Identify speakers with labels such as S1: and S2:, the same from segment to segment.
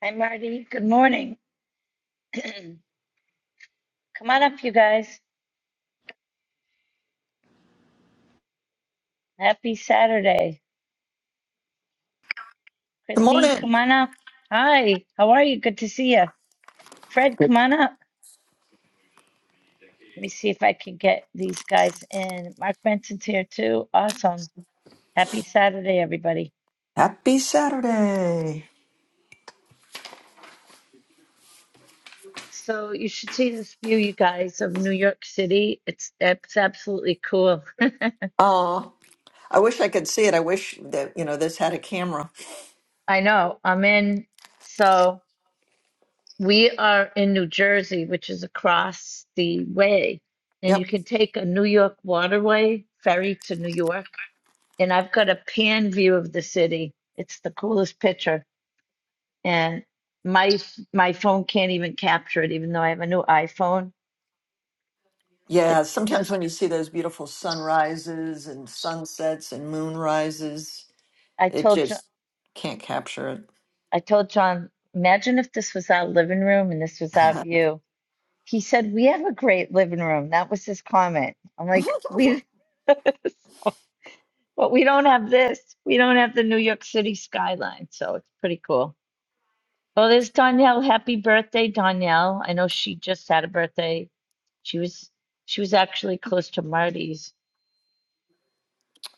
S1: Hi, Marty. Good morning. Come on up, you guys. Happy Saturday.
S2: Good
S1: Christine,
S2: morning.
S1: come on up. Hi, how are you? Good to see you. Fred, come on up. Let me see if I can get these guys in. Mark Benson's here too. Awesome. Happy Saturday, everybody.
S2: Happy Saturday.
S1: So you should see this view, you guys, of New York City. It's it's absolutely cool.
S2: Oh, I wish I could see it. I wish that, you know, this had a camera.
S1: I know. I'm in. So. We are in New Jersey, which is across the way, and you
S2: Yep.
S1: can take a New York waterway ferry to New York. And I've got a pan view of the city. It's the coolest picture. And my my phone can't even capture it, even though I have a new iPhone.
S2: Yeah,
S1: It's
S2: sometimes
S1: just
S2: when you see those beautiful sunrises and sunsets and moon rises,
S1: I
S2: it
S1: told John,
S2: just can't capture
S1: I told John, imagine if this was our living room and this was our
S2: it.
S1: view. He said, "We have a great living room." That was his comment. I'm like, "We." But we don't have this. We don't have the New York City skyline, so it's pretty cool. Oh, there's Danielle. Happy birthday, Danielle. I know she just had a birthday. She was she was actually close to Marty's.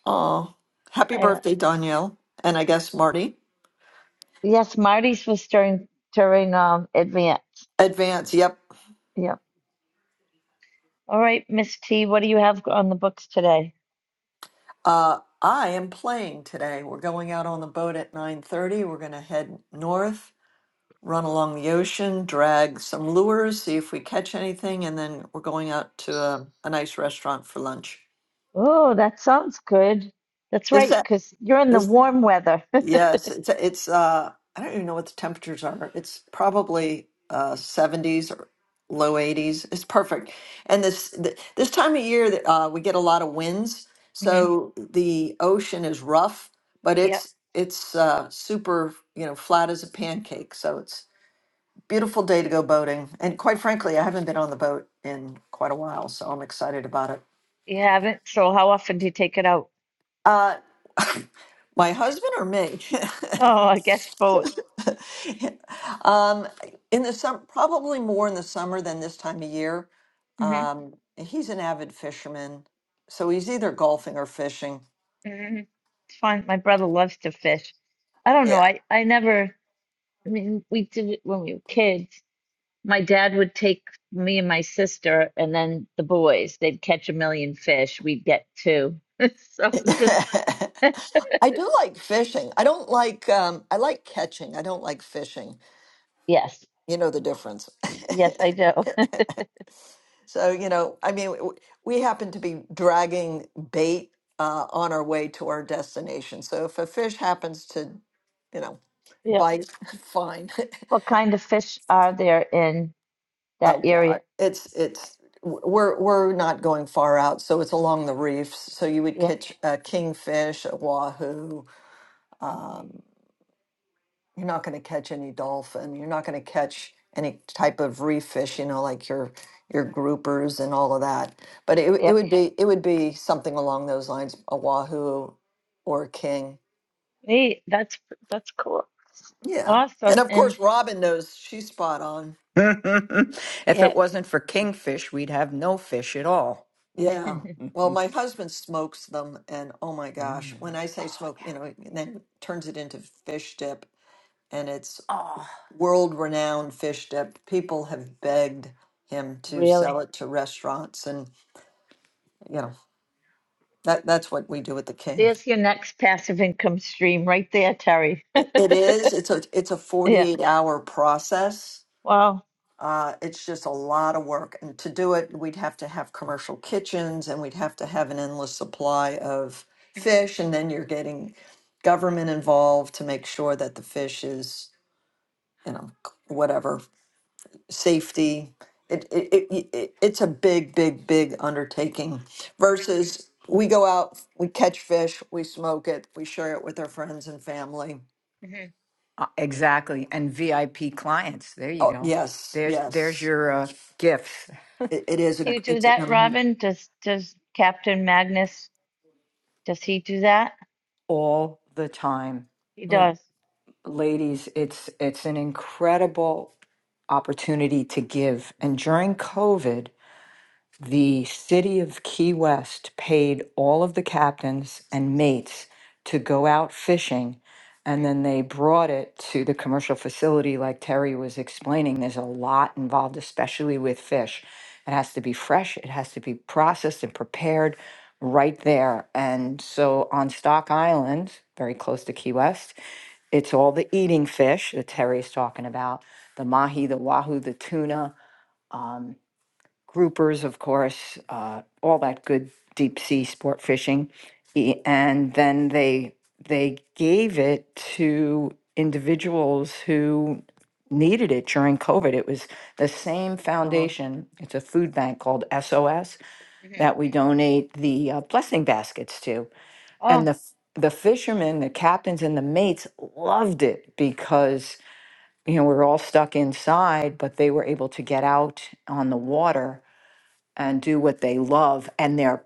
S2: oh, happy
S1: I don't,
S2: birthday, Danielle. And I guess Marty.
S1: yes, Marty's was during during um advance.
S2: Advance, yep.
S1: Yep. All right, Miss T, what do you have on the books today?
S2: Uh, I am playing today. We're going out on the boat at 9:30. We're going to head north run along the ocean, drag some lures, see if we catch anything, and then we're going out to a, a nice restaurant for lunch.
S1: Oh, that sounds good. That's
S2: This,
S1: right,
S2: a-
S1: because you're in the
S2: this,
S1: warm weather.
S2: yes, it's it's. Uh, I don't even know what the temperatures are. It's probably uh, seventies or low eighties. It's perfect. And this th- this time of year, that uh, we get a lot of winds,
S1: Mhm.
S2: so the ocean is rough, but
S1: Yep.
S2: it's it's uh, super, you know, flat as a pancake. So it's Beautiful day to go boating. And quite frankly, I haven't been on the boat in quite a while, so I'm excited about it.
S1: You haven't. So how often do you take it out?
S2: Uh, my husband or me?
S1: Oh, I guess both.
S2: um, in the sum, probably more in the summer than this time of year. Um, he's an avid fisherman, so he's either golfing or fishing.
S1: Mm, It's fun. My brother loves to fish. I don't know.
S2: Yeah.
S1: I, I never, I mean, we did it when we were kids. My dad would take me and my sister, and then the boys. They'd catch a million fish. We'd get two. So just,
S2: I do like fishing. I don't like, um, I like catching. I don't like fishing.
S1: yes,
S2: You know the difference.
S1: yes, I do.
S2: So, you know, I mean, w- we happen to be dragging bait uh, on our way to our destination. So if a fish happens to, you know,
S1: Yeah.
S2: bite, fine.
S1: What kind of fish are there in that
S2: Oh
S1: area?
S2: God, it's it's w- we're we're not going far out, so it's along the reefs. So you would
S1: Yeah.
S2: catch a kingfish, a wahoo,
S1: Mhm.
S2: um, you're not going to catch any dolphin. You're not going to catch any type of reef fish, you know, like your your groupers and all of that. But it w-
S1: Yeah.
S2: it would be it would be something along those lines, a wahoo or a king.
S1: Neat. That's that's cool.
S2: Yeah. And
S1: Awesome.
S2: of
S1: And
S2: course Robin knows she's spot on.
S3: if it
S1: yes,
S3: wasn't for kingfish, we'd have no fish at all.
S2: Yeah. Well, my husband smokes them and oh my gosh, when I say
S3: Oh,
S2: smoke, you
S3: yeah.
S2: know, and then turns it into fish dip and it's
S3: Oh,
S2: world renowned fish dip. People have begged him to sell
S1: really.
S2: it to restaurants and you know. That that's what we do with the king.
S1: There's your next passive income stream right there, Terry.
S2: It it is. It's a it's a
S1: Yeah.
S2: 48 hour process.
S1: Wow.
S2: Uh, it's just a lot of work, and to do it, we'd have to have commercial kitchens, and we'd have to have an endless supply of
S1: hmm
S2: fish, and then you're getting government involved to make sure that the fish is, you know, whatever safety. It, it, it, it it's a big, big, big undertaking
S1: hmm
S2: versus we go out, we catch fish, we smoke it, we share it with our friends and family
S1: hmm
S3: uh, exactly. And VIP clients. There you
S2: Oh
S3: go.
S2: yes,
S3: There's there's
S2: yes.
S3: your uh, gifts
S2: It, it is
S1: Do
S2: a.
S1: you do
S2: It's an.
S1: that,
S2: Um,
S1: Robin? Does does Captain Magnus, does he do that?
S3: all the time,
S1: He does.
S2: mm,
S3: ladies. It's it's an incredible opportunity to give. And during COVID. the city of Key West paid all of the captains and mates to go out fishing. And
S1: hmm
S3: then they brought it to the commercial facility, like Terry was explaining. There's a lot involved, especially with fish. It has to be fresh, it has to be processed and prepared right there. And so on Stock Island, very close to Key West, it's all the eating fish that Terry's talking about the mahi, the wahoo, the tuna. um, groupers, of course, uh, all that good deep sea sport fishing, E- and then they they gave it to individuals who needed it during COVID. It was the same
S2: oh,
S3: foundation. It's a food bank called SOS
S1: hmm
S3: that we donate the uh, blessing baskets to, and
S1: Oh,
S3: the f- the fishermen, the captains, and the mates loved it because you know we we're all stuck inside, but they were able to get out on the water and do what they love and they're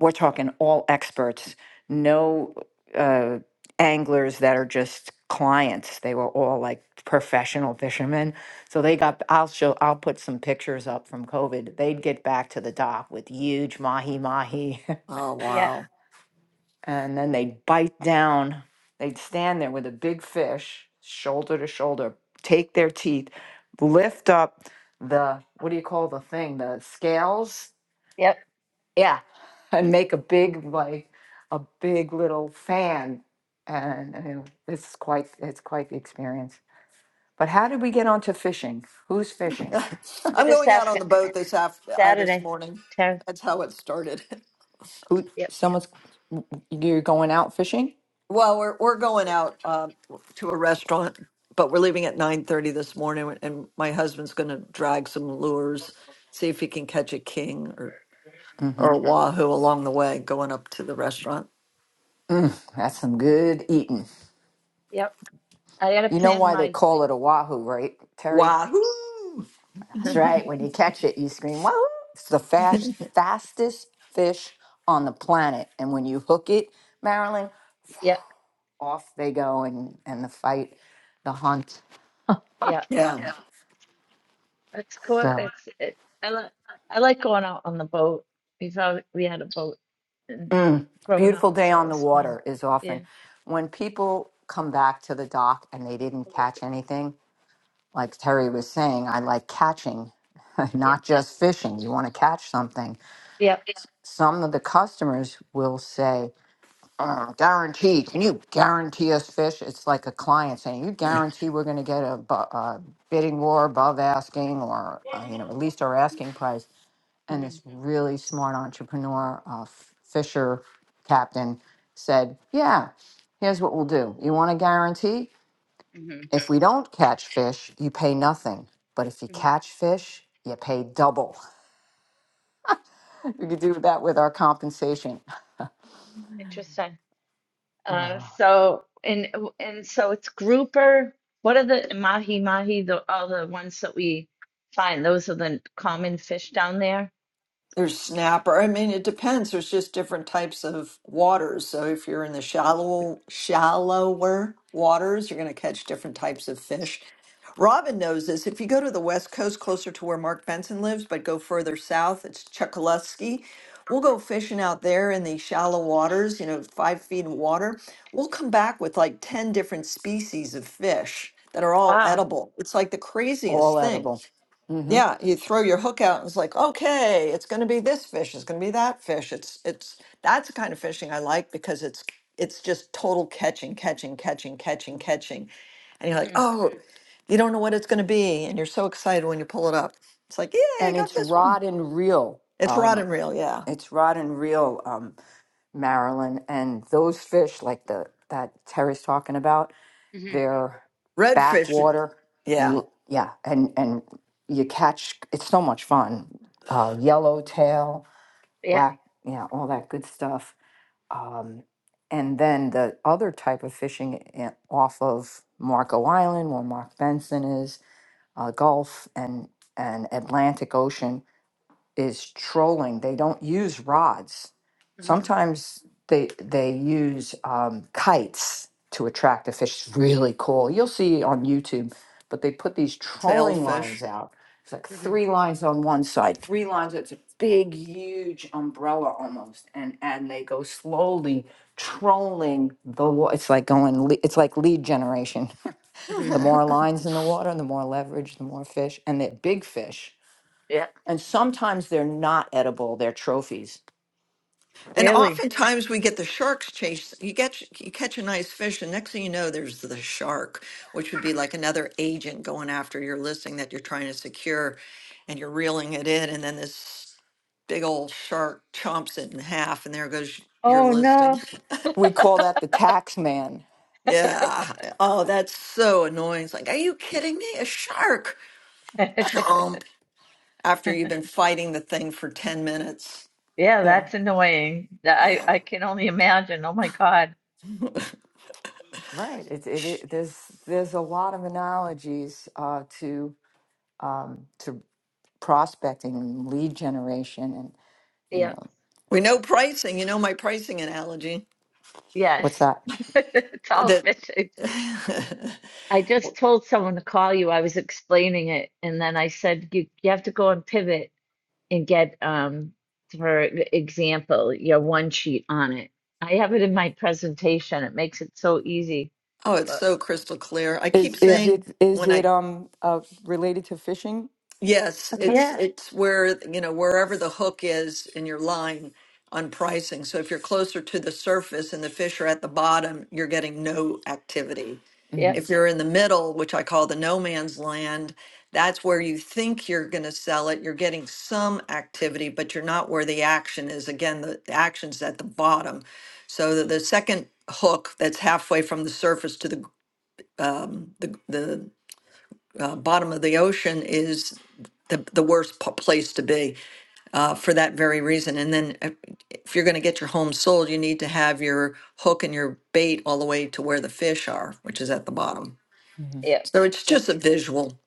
S3: we're talking all experts no uh, anglers that are just clients they were all like professional fishermen so they got i'll show i'll put some pictures up from covid they'd get back to the dock with huge mahi mahi
S2: oh
S1: yeah.
S2: wow.
S3: and then they'd bite down they'd stand there with a big fish shoulder to shoulder take their teeth lift up the what do you call the thing the scales
S1: Yep.
S3: yeah, and make a big like a big little fan, and you know, it's quite it's quite the experience. But how did we get onto fishing? Who's fishing?
S1: We're
S2: I'm
S1: just
S2: going out on
S1: asking
S2: the boat this after uh, this
S1: Saturday.
S2: morning.
S1: Ter-
S2: That's how it started.
S3: Who?
S1: Yep.
S3: Someone's you're going out fishing?
S2: well, we're we're going out uh, to a restaurant, but we're leaving at 9:30 this morning, and my husband's going to drag some lures, see if he can catch a king or
S3: Mm-hmm.
S2: or a wahoo along the way, going up to the restaurant.
S3: Mm, that's some good eating.
S1: Yep. I gotta
S3: You know
S1: plan
S3: why they
S1: my
S3: call it a wahoo, right, Terry?
S2: Wahoo!
S3: That's right. When you catch it, you scream wahoo. It's the fast fastest fish on the planet, and when you hook it, Marilyn.
S1: Yep.
S3: off they go and, and the fight, the hunt.
S1: Yeah.
S3: Yeah.
S2: Yeah.
S3: Yeah.
S1: It's cool.
S3: So,
S1: It's it, I like I like going out on the boat. We thought we had a boat and
S3: mm,
S1: growing up,
S3: beautiful day
S1: so it
S3: on the
S1: was fun.
S3: water is often
S1: Yeah.
S3: when people come back to the dock and they didn't catch anything. Like Terry was saying, I like catching,
S1: Yep.
S3: not just fishing. You want to catch something.
S1: Yep.
S3: Yeah. Some of the customers will say, "Uh, guarantee, can you guarantee us fish? It's like a client saying, you guarantee we're going to get a, bu- a bidding war above asking or, uh, you know, at least our asking price and this really smart entrepreneur, uh, F- Fisher captain, said, Yeah, here's what we'll do. You want a guarantee?
S1: hmm
S3: If we don't catch fish, you pay nothing. But if you
S1: hmm
S3: catch fish, you pay double. We could do that with our compensation.
S1: Interesting. Uh,
S3: Uh,
S1: so and and so it's grouper. What are the mahi mahi? The all the ones that we find. Those are the common fish down there.
S2: There's snapper. I mean, it depends. There's just different types of waters. So if you're in the shallow, shallower waters, you're going to catch different types of fish. Robin knows this. If you go to the west coast, closer to where Mark Benson lives, but go further south, it's Chukaluski. We'll go fishing out there in the shallow waters, you know, five feet of water. We'll come back with like 10 different species of fish that are all
S1: Wow.
S2: edible. It's like the
S3: all
S2: craziest thing.
S3: edible. hmm
S2: Yeah, you throw your hook out and it's like, okay, it's going to be this fish, it's going to be that fish. It's it's that's the kind of fishing I like because it's it's just total catching, catching, catching, catching,
S3: hmm
S2: catching. And you're like,
S1: hmm
S2: "Oh, you don't know what it's going to be." And you're so excited when you pull it up. It's like, "Yeah, I
S3: And
S2: got
S3: it's
S2: this one."
S3: rod and reel.
S2: It's rod
S3: Um,
S2: and reel, yeah.
S3: it's rod and reel, um, Marilyn. And those fish, like the that Terry's talking about,
S1: hmm
S3: their
S2: Redfish,
S3: backwater.
S2: yeah.
S3: L- Yeah, and and you catch it's so much fun. Uh, yellowtail,
S1: Yeah.
S3: black, yeah, all that good stuff. Um, and then the other type of fishing i- off of Marco Island, where Mark Benson is, uh, Gulf and and Atlantic Ocean is trolling. They don't use rods.
S1: hmm
S3: Sometimes they they use um, kites to attract the fish. It's really cool. You'll see on YouTube, but they put these trolling lines
S2: Sailfish.
S3: out. It's like
S1: hmm
S3: three lines on one side, three lines. It's a big, huge umbrella almost, and and they go slowly trolling the water. It's like going. le- It's like lead generation.
S1: hmm
S3: the more lines in the water, the more leverage, the more fish, and they're big fish
S1: Yeah.
S3: and sometimes they're not edible, they're trophies.
S2: And
S1: Really?
S2: oftentimes we get the sharks chase. You get you catch a nice fish, and next thing you know, there's the shark, which would be like another agent going after your listing that you're trying to secure, and you're reeling it in, and then this big old shark chomps it in half, and there goes your
S1: Oh
S2: listing.
S1: no.
S3: We call that the tax man.
S2: Yeah. Oh, that's so annoying. It's like, are you kidding me? A shark chomp after you've been fighting the thing for 10 minutes.
S1: Yeah,
S3: Yeah,
S1: that's annoying. That- I I can only imagine. Oh my God.
S3: right. It's it, it there's there's a lot of analogies uh, to um, to prospecting, and lead generation, and you
S1: Yeah.
S3: know
S2: We know pricing. You know my pricing analogy.
S3: what's
S1: Yes.
S3: that?
S1: It's all
S2: that
S1: fishing. I just told someone to call you. I was explaining it, and then I said you you have to go and pivot. and get um for example you know one sheet on it i have it in my presentation it makes it so easy
S2: oh it's
S1: but
S2: so crystal clear i
S3: Is
S2: keep
S1: yeah
S3: is
S2: saying
S3: it is
S2: when
S3: it
S2: i
S3: um uh, related to fishing,
S2: Yes,
S3: uh, Terry?
S2: it's
S1: yeah
S2: it's where, you know, wherever the hook is in your line on pricing. So if you're closer to the surface and the fish are at the bottom, you're getting no activity.
S1: yeah
S3: hmm
S2: If you're in the middle, which I call the no man's land, that's where you think you're going to sell it. You're getting some activity, but you're not where the action is. Again, the, the action's at the bottom. So the, the second hook that's halfway from the surface to the um, the, the uh, bottom of the ocean is the, the worst p- place to be uh, for that very reason. And then uh, if you're going to get your home sold, you need to have your hook and your bait all the way to where the fish are, which is at the bottom.
S3: hmm
S1: yeah
S2: So it's
S1: yeah
S2: just a visual.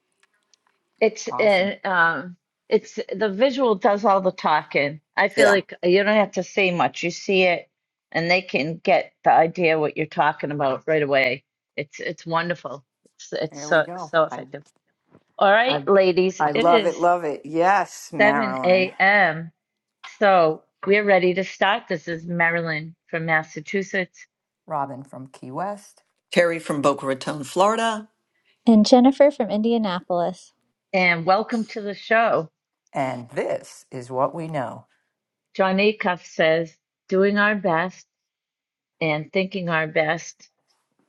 S1: it's
S3: Awesome.
S1: and um it's the visual does all the talking i feel
S2: Yeah.
S1: like you don't have to say much you see it and they can get the idea what you're talking about right away it's it's wonderful it's it's
S3: There we
S1: so
S3: go.
S1: so
S3: I
S1: effective all right
S3: I
S1: ladies
S3: I
S1: it
S3: love it.
S1: is
S3: Love it. Yes,
S1: 7
S3: Marilyn
S1: a.m. So we're ready to start. This is Marilyn from Massachusetts.
S3: Robin from Key West,
S2: Terry from Boca Raton, Florida.
S4: And Jennifer from Indianapolis.
S1: And welcome to the show.
S3: and this is what we know.
S1: John Acuff says, doing our best and thinking our best.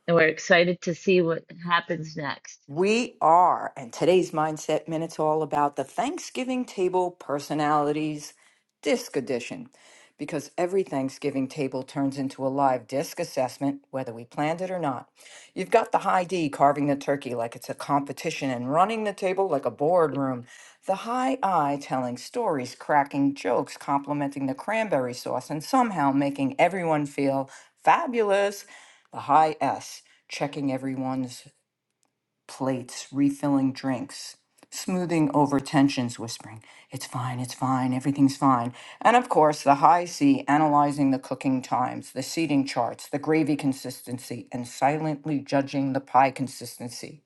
S1: And we're excited to see what happens next.
S3: We are, and today's Mindset Minute's all about the Thanksgiving Table Personalities Disc Edition, because every Thanksgiving table turns into a live disc assessment, whether we planned it or not. You've got the high D carving the turkey like it's a competition and running the table like a boardroom, the high I telling stories, cracking jokes, complimenting the cranberry sauce, and somehow making everyone feel fabulous, the high S checking everyone's plates, refilling drinks, smoothing over tensions, whispering, It's fine, it's fine, everything's fine. And of course, the high C analyzing the cooking times, the seating charts, the gravy consistency, and silently judging the pie consistency.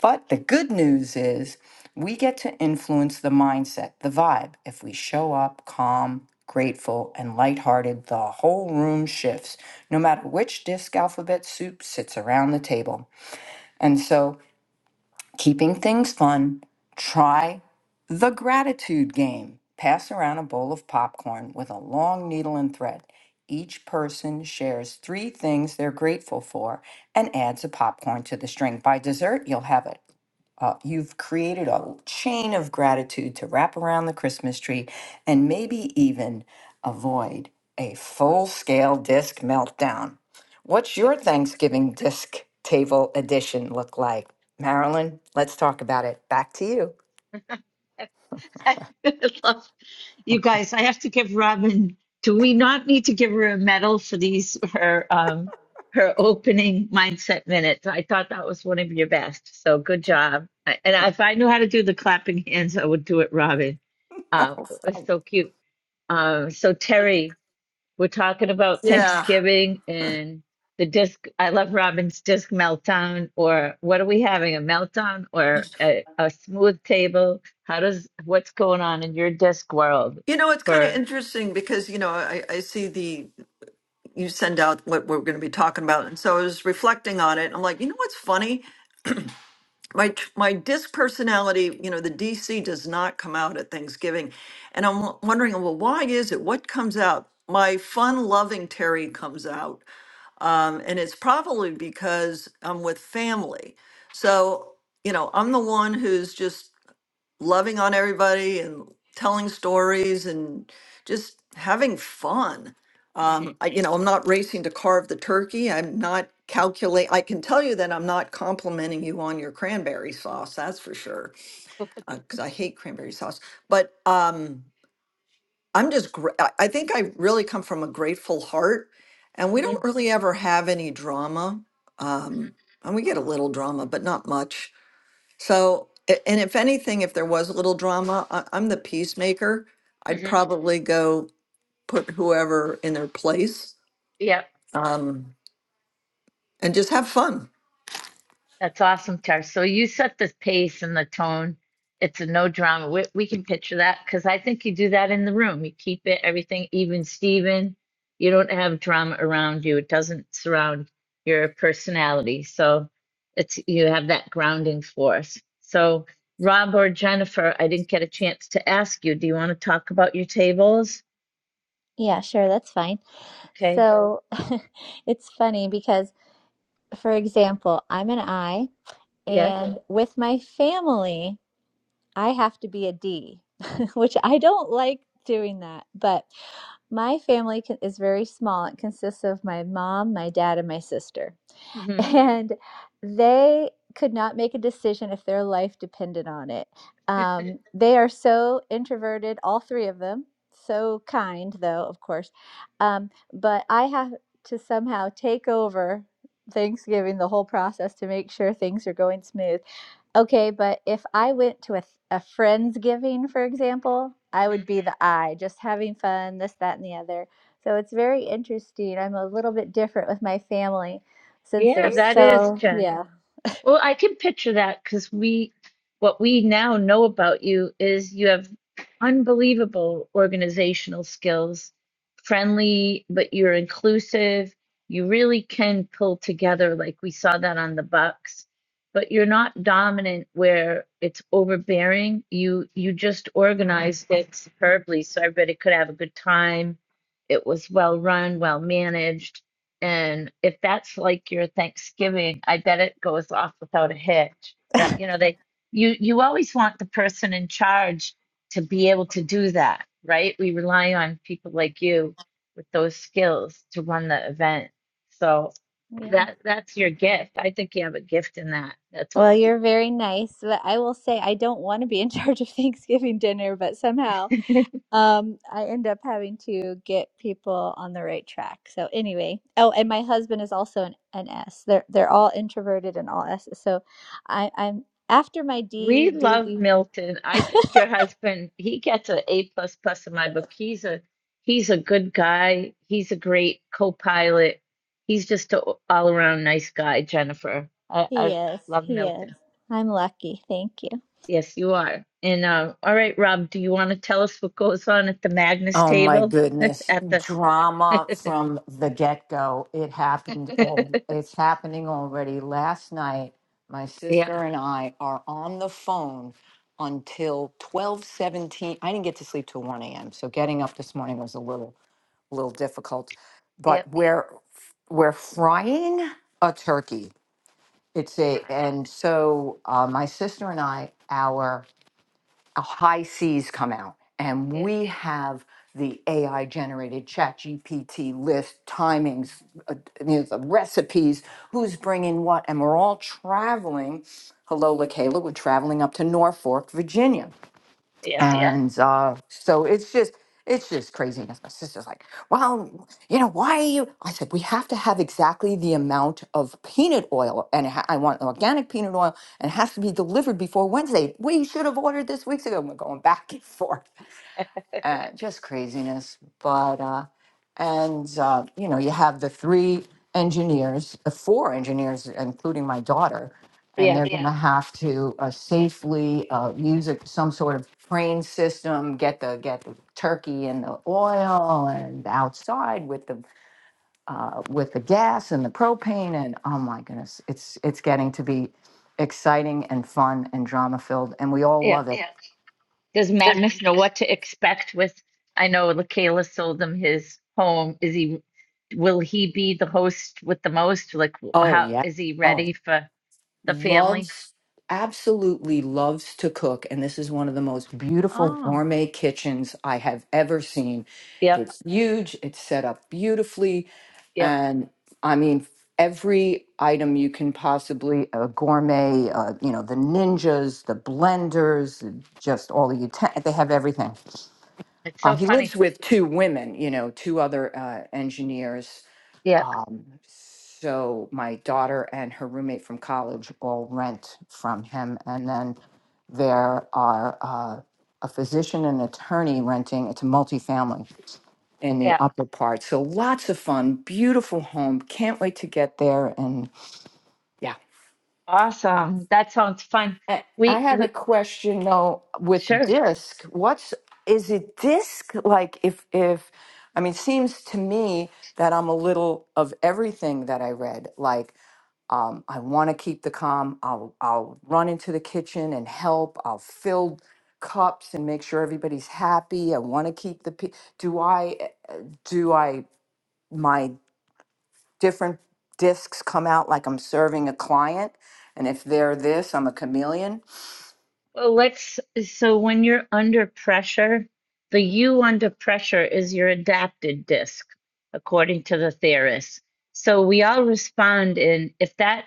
S3: But the good news is we get to influence the mindset, the vibe. If we show up calm, grateful, and lighthearted, the whole room shifts, no matter which disc alphabet soup sits around the table. And so keeping things fun, try the gratitude game. Pass around a bowl of popcorn with a long needle and thread. Each person shares three things they're grateful for and adds a popcorn to the string. By dessert, you'll have it. Uh, you've created a chain of gratitude to wrap around the Christmas tree and maybe even avoid a full scale disc meltdown. What's your Thanksgiving disc table edition look like? Marilyn, let's talk about it. Back to you.
S1: I love You guys, I have to give Robin. Do we not need to give her a medal for these her um her opening mindset minutes? I thought that was one of your best. So good job. I- And if I knew how to do the clapping hands, I would do it, Robin. Uh, it was
S3: So-
S1: so cute. Um, so Terry, we're talking about
S2: Yeah.
S1: Thanksgiving and the disc. I love Robin's disc meltdown. Or what are we having? A meltdown or a, a smooth table? How does what's going on in your disc world
S2: You know, it's kind of
S1: for?
S2: interesting because, you know, I, I see the, you send out what we're going to be talking about. And so I was reflecting on it. I'm like, you know what's funny? my t- my disc personality you know the dc does not come out at thanksgiving and i'm w- wondering well why is it what comes out my fun loving terry comes out um, and it's probably because i'm with family so you know i'm the one who's just loving on everybody and telling stories and just having fun. Um,
S1: Mhm.
S2: I, you know, I'm not racing to carve the turkey. I'm not calculate. I can tell you that I'm not complimenting you on your cranberry sauce. That's for sure, because I hate cranberry sauce. But um, I'm just. Gra- I I think I really come from a grateful heart, and we don't
S1: Mhm.
S2: really ever have any drama. Um,
S1: Mhm.
S2: and we get a little drama, but not much. So, a- and if anything, if there was a little drama, I, I'm the peacemaker. I'd
S1: Mhm.
S2: probably go put whoever in their place
S1: Yeah.
S2: um, and just have fun.
S1: That's awesome, Tara. So you set the pace and the tone. It's a no drama. We, we can picture that because I think you do that in the room. You keep it everything even, Steven. You don't have drama around you. It doesn't surround your personality. So it's you have that grounding force. So Rob or Jennifer, I didn't get a chance to ask you. Do you want to talk about your tables?
S4: Yeah, sure, that's fine.
S1: Okay.
S4: So it's funny because, for example, I'm an I,
S1: Yeah.
S4: and with my family, I have to be a D, which I don't like doing that. But my family con- is very small. It consists of my mom, my dad, and my sister.
S1: hmm
S4: And they could not make a decision if their life depended on it. Um, they are so introverted, all three of them. So kind, though, of course. Um, but I have to somehow take over Thanksgiving, the whole process to make sure things are going smooth. Okay, but if I went to a, th- a friend's giving, for example, I would be the I, just having fun, this, that, and the other. So it's very interesting. I'm a little bit different with my family since they're
S1: Yeah,
S4: Yeah.
S1: that is
S4: so,
S1: Jen.
S4: yeah,
S1: Well, I can picture that because we, what we now know about you is you have unbelievable organizational skills, friendly, but you're inclusive. You really can pull together, like we saw that on the Bucks. But you're not dominant where it's overbearing. You you just organized it superbly, so everybody could have a good time. It was well run, well managed and if that's like your Thanksgiving, I bet it goes off without a hitch. That you know, they you you always want the person in charge to be able to do that, right? We rely on people like you with those skills to run the event. So
S4: yeah.
S1: that that's your gift. I think you have a gift in that. That's what
S4: Well, you're very nice, but I will say I don't want to be in charge of Thanksgiving dinner, but somehow. um i end up having to get people on the right track so anyway oh and my husband is also an, an s they're they're all introverted and all s so i i'm after my
S1: We
S4: d d
S1: love
S4: d
S1: Milton. I think your husband, he gets an A plus plus in my book. He's a he's a good guy. He's a great co-pilot. He's just an all around nice guy, Jennifer. I,
S4: he
S1: I
S4: is
S1: love
S4: he is
S1: Milton.
S4: i'm lucky thank you
S1: Yes, you are. And uh, all right, Rob, do you want to tell us what goes on at the Magnus
S3: Oh my
S1: table?
S3: goodness.
S1: At the
S3: Drama from the get go. It happened all it's happening already. Last night, my
S1: yeah,
S3: sister and I are on the phone until twelve seventeen. I didn't get to sleep till one AM. So getting up this morning was a little little difficult.
S1: yeah,
S3: But we're we're frying a turkey. It's a
S1: right.
S3: and so uh, my sister and I, our a high seas come out and
S1: Yeah,
S3: we have the AI generated ChatGPT list timings, uh, you know, the recipes, who's bringing what. And we're all traveling. Hello, LaKayla, we're traveling up to Norfolk, Virginia.
S1: yeah,
S3: Yeah. and uh, so it's just it's just craziness. My sister's like, "Well, you know, why are you?" I said, "We have to have exactly the amount of peanut oil, and it ha- I want organic peanut oil, and it has to be delivered before Wednesday. We should have ordered this weeks ago." And we're going back and forth uh, just craziness. But uh, and uh, you know, you have the three engineers, uh, four engineers, including my daughter, and
S1: yeah,
S3: they're going to Yeah. have to uh, safely uh, use a, some sort of train system, get the get the turkey and the oil, and outside with the uh, with the gas and the propane, and oh my goodness, it's it's getting to be exciting and fun and drama filled, and we all
S1: yeah.
S3: love it. Yeah.
S1: Does
S3: Does-
S1: Magnus know what to expect with? I know Lakayla sold him his home. Is he, will he be the host with the most? Like,
S3: Oh
S1: how
S3: yeah.
S1: is he
S3: Oh.
S1: ready for the family?
S3: loves absolutely loves to cook and this is one of the most beautiful
S1: Oh,
S3: gourmet kitchens i have ever seen
S1: yep,
S3: it's huge it's set up beautifully
S1: yep.
S3: and i mean every item you can possibly a gourmet uh, you know the ninjas the blenders just all the utent- they have everything
S1: It's
S3: uh,
S1: so
S3: he lives
S1: funny.
S3: with two women you know two other uh, engineers
S1: Yep,
S3: um, so my daughter and her roommate from college all rent from him. And then there are uh, a physician and attorney renting. It's a multifamily in the
S1: yeah.
S3: upper part. So lots of fun, beautiful home. Can't wait to get there. And yeah,
S1: Awesome. That sounds fun.
S3: I, I
S1: We,
S3: had a
S1: we,
S3: question though with
S1: sure.
S3: disc. What's is it disc like? If if I mean, seems to me that I'm a little of everything that I read. Like um, I want to keep the calm. I'll I'll run into the kitchen and help. I'll fill cups and make sure everybody's happy. I want to keep the pe- do I uh, do I my different discs come out like I'm serving a client and if they're this, I'm a chameleon.
S1: Well, let's, so when you're under pressure, the you under pressure is your adapted disc, according to the theorists. So we all respond in if that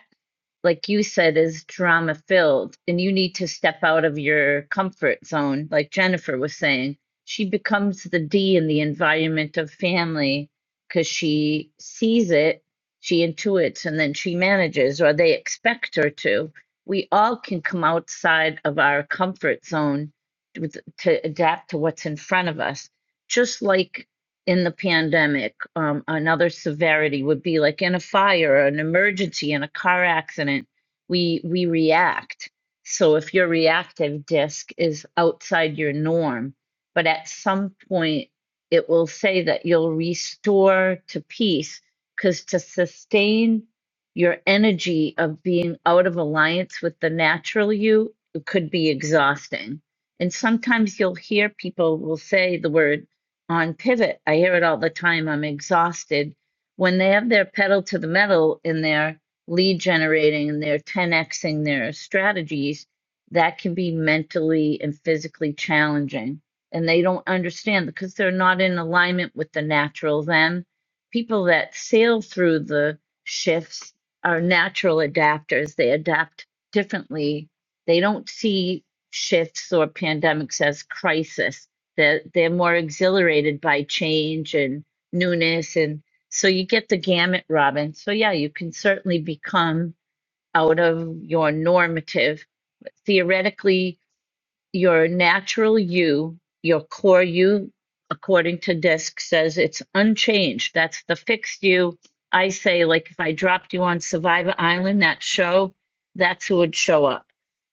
S1: like you said, is drama filled and you need to step out of your comfort zone, like Jennifer was saying. She becomes the D in the environment of family because she sees it, she intuits, and then she manages, or they expect her to. We all can come outside of our comfort zone with- to adapt to what's in front of us, just like in the pandemic. Um, another severity would be like in a fire, an emergency, in a car accident, we we react. So if your reactive disc is outside your norm, but at some point it will say that you'll restore to peace because to sustain your energy of being out of alliance with the natural you it could be exhausting. And sometimes you'll hear people will say the word on pivot. I hear it all the time. I'm exhausted. When they have their pedal to the metal in their lead generating and they're 10xing their strategies, that can be mentally and physically challenging. And they don't understand because they're not in alignment with the natural them. People that sail through the shifts are natural adapters. They adapt differently. They don't see shifts or pandemics as crisis they're, they're more exhilarated by change and newness and so you get the gamut robin so yeah you can certainly become out of your normative theoretically your natural you, your core you, according to DISC, says it's unchanged. That's the fixed you. I say, like, if I dropped you on Survivor Island, that show, that's who would show up.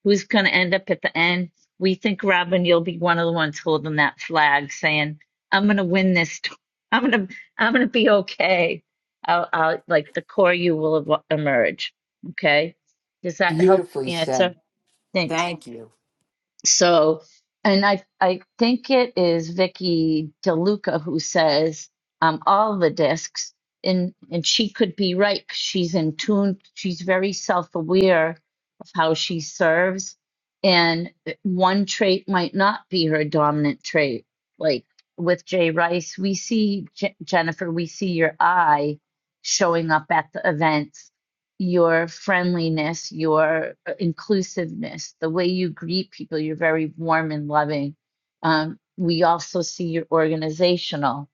S1: Who's going to end up at the end? We think, Robin, you'll be one of the ones holding that flag saying, I'm going to win this. t- I'm going to, I'm going to be okay. I'll, I'll, like, the core you will ev- emerge. Okay. Does that help
S3: Beautifully
S1: answer?
S3: said.
S1: Thanks.
S3: Thank you.
S1: So, and I I think it is Vicky DeLuca who says um, all the discs, and and she could be right. 'cause She's in tune. She's very self aware of how she serves, and uh, one trait might not be her dominant trait. Like with Jay Rice, we see J- Jennifer, we see your eye showing up at the events your friendliness, your uh, inclusiveness, the way you greet people, you're very warm and loving. Um, we also see your organizational,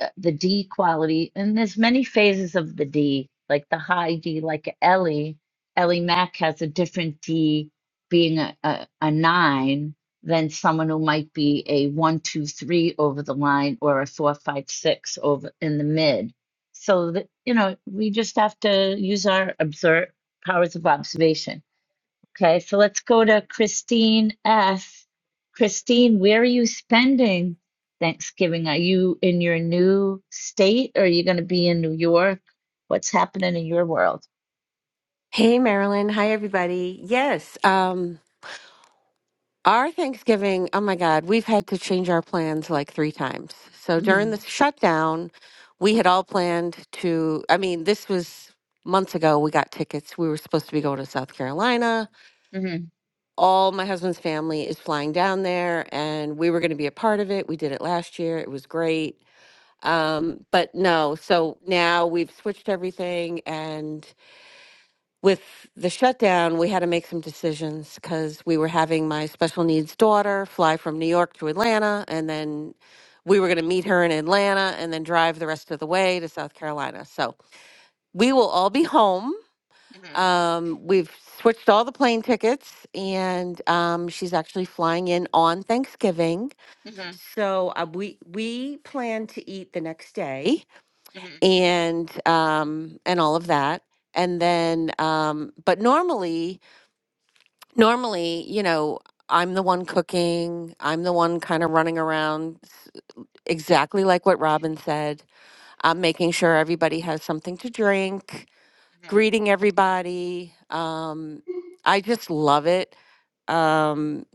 S1: uh, the D quality, and there's many phases of the D, like the high D, like Ellie. Ellie Mack has a different D, being a, a, a nine than someone who might be a one, two, three over the line or a four, five, six over in the mid so that, you know, we just have to use our observe powers of observation. Okay, so let's go to Christine S. Christine, where are you spending Thanksgiving? Are you in your new state or are you going to be in New York? What's happening in your world?
S5: Hey, Marilyn. Hi, everybody. Yes, um, our Thanksgiving, oh my God, we've had to change our plans like three times. So
S1: hmm
S5: during the shutdown, we had all planned to, I mean, this was months ago. We got tickets. We were supposed to be going to South Carolina.
S1: hmm
S5: All my husband's family is flying down there, and we were going to be a part of it. We did it last year, it was great. Um, but no, so now we've switched everything, and with the shutdown, we had to make some decisions because we were having my special needs daughter fly from New York to Atlanta, and then we were going to meet her in Atlanta and then drive the rest of the way to South Carolina. So we will all be home.
S1: hmm
S5: Um, we've switched all the plane tickets, and um, she's actually flying in on Thanksgiving.
S1: hmm
S5: So uh, we we plan to eat the next day,
S1: hmm
S5: and um, and all of that, and then um, but normally Normally, you know, I'm the one cooking. I'm the one kind of running around, s- exactly like what Robin said. I'm making sure everybody has something to drink, greeting everybody. Um, I just love it. Um,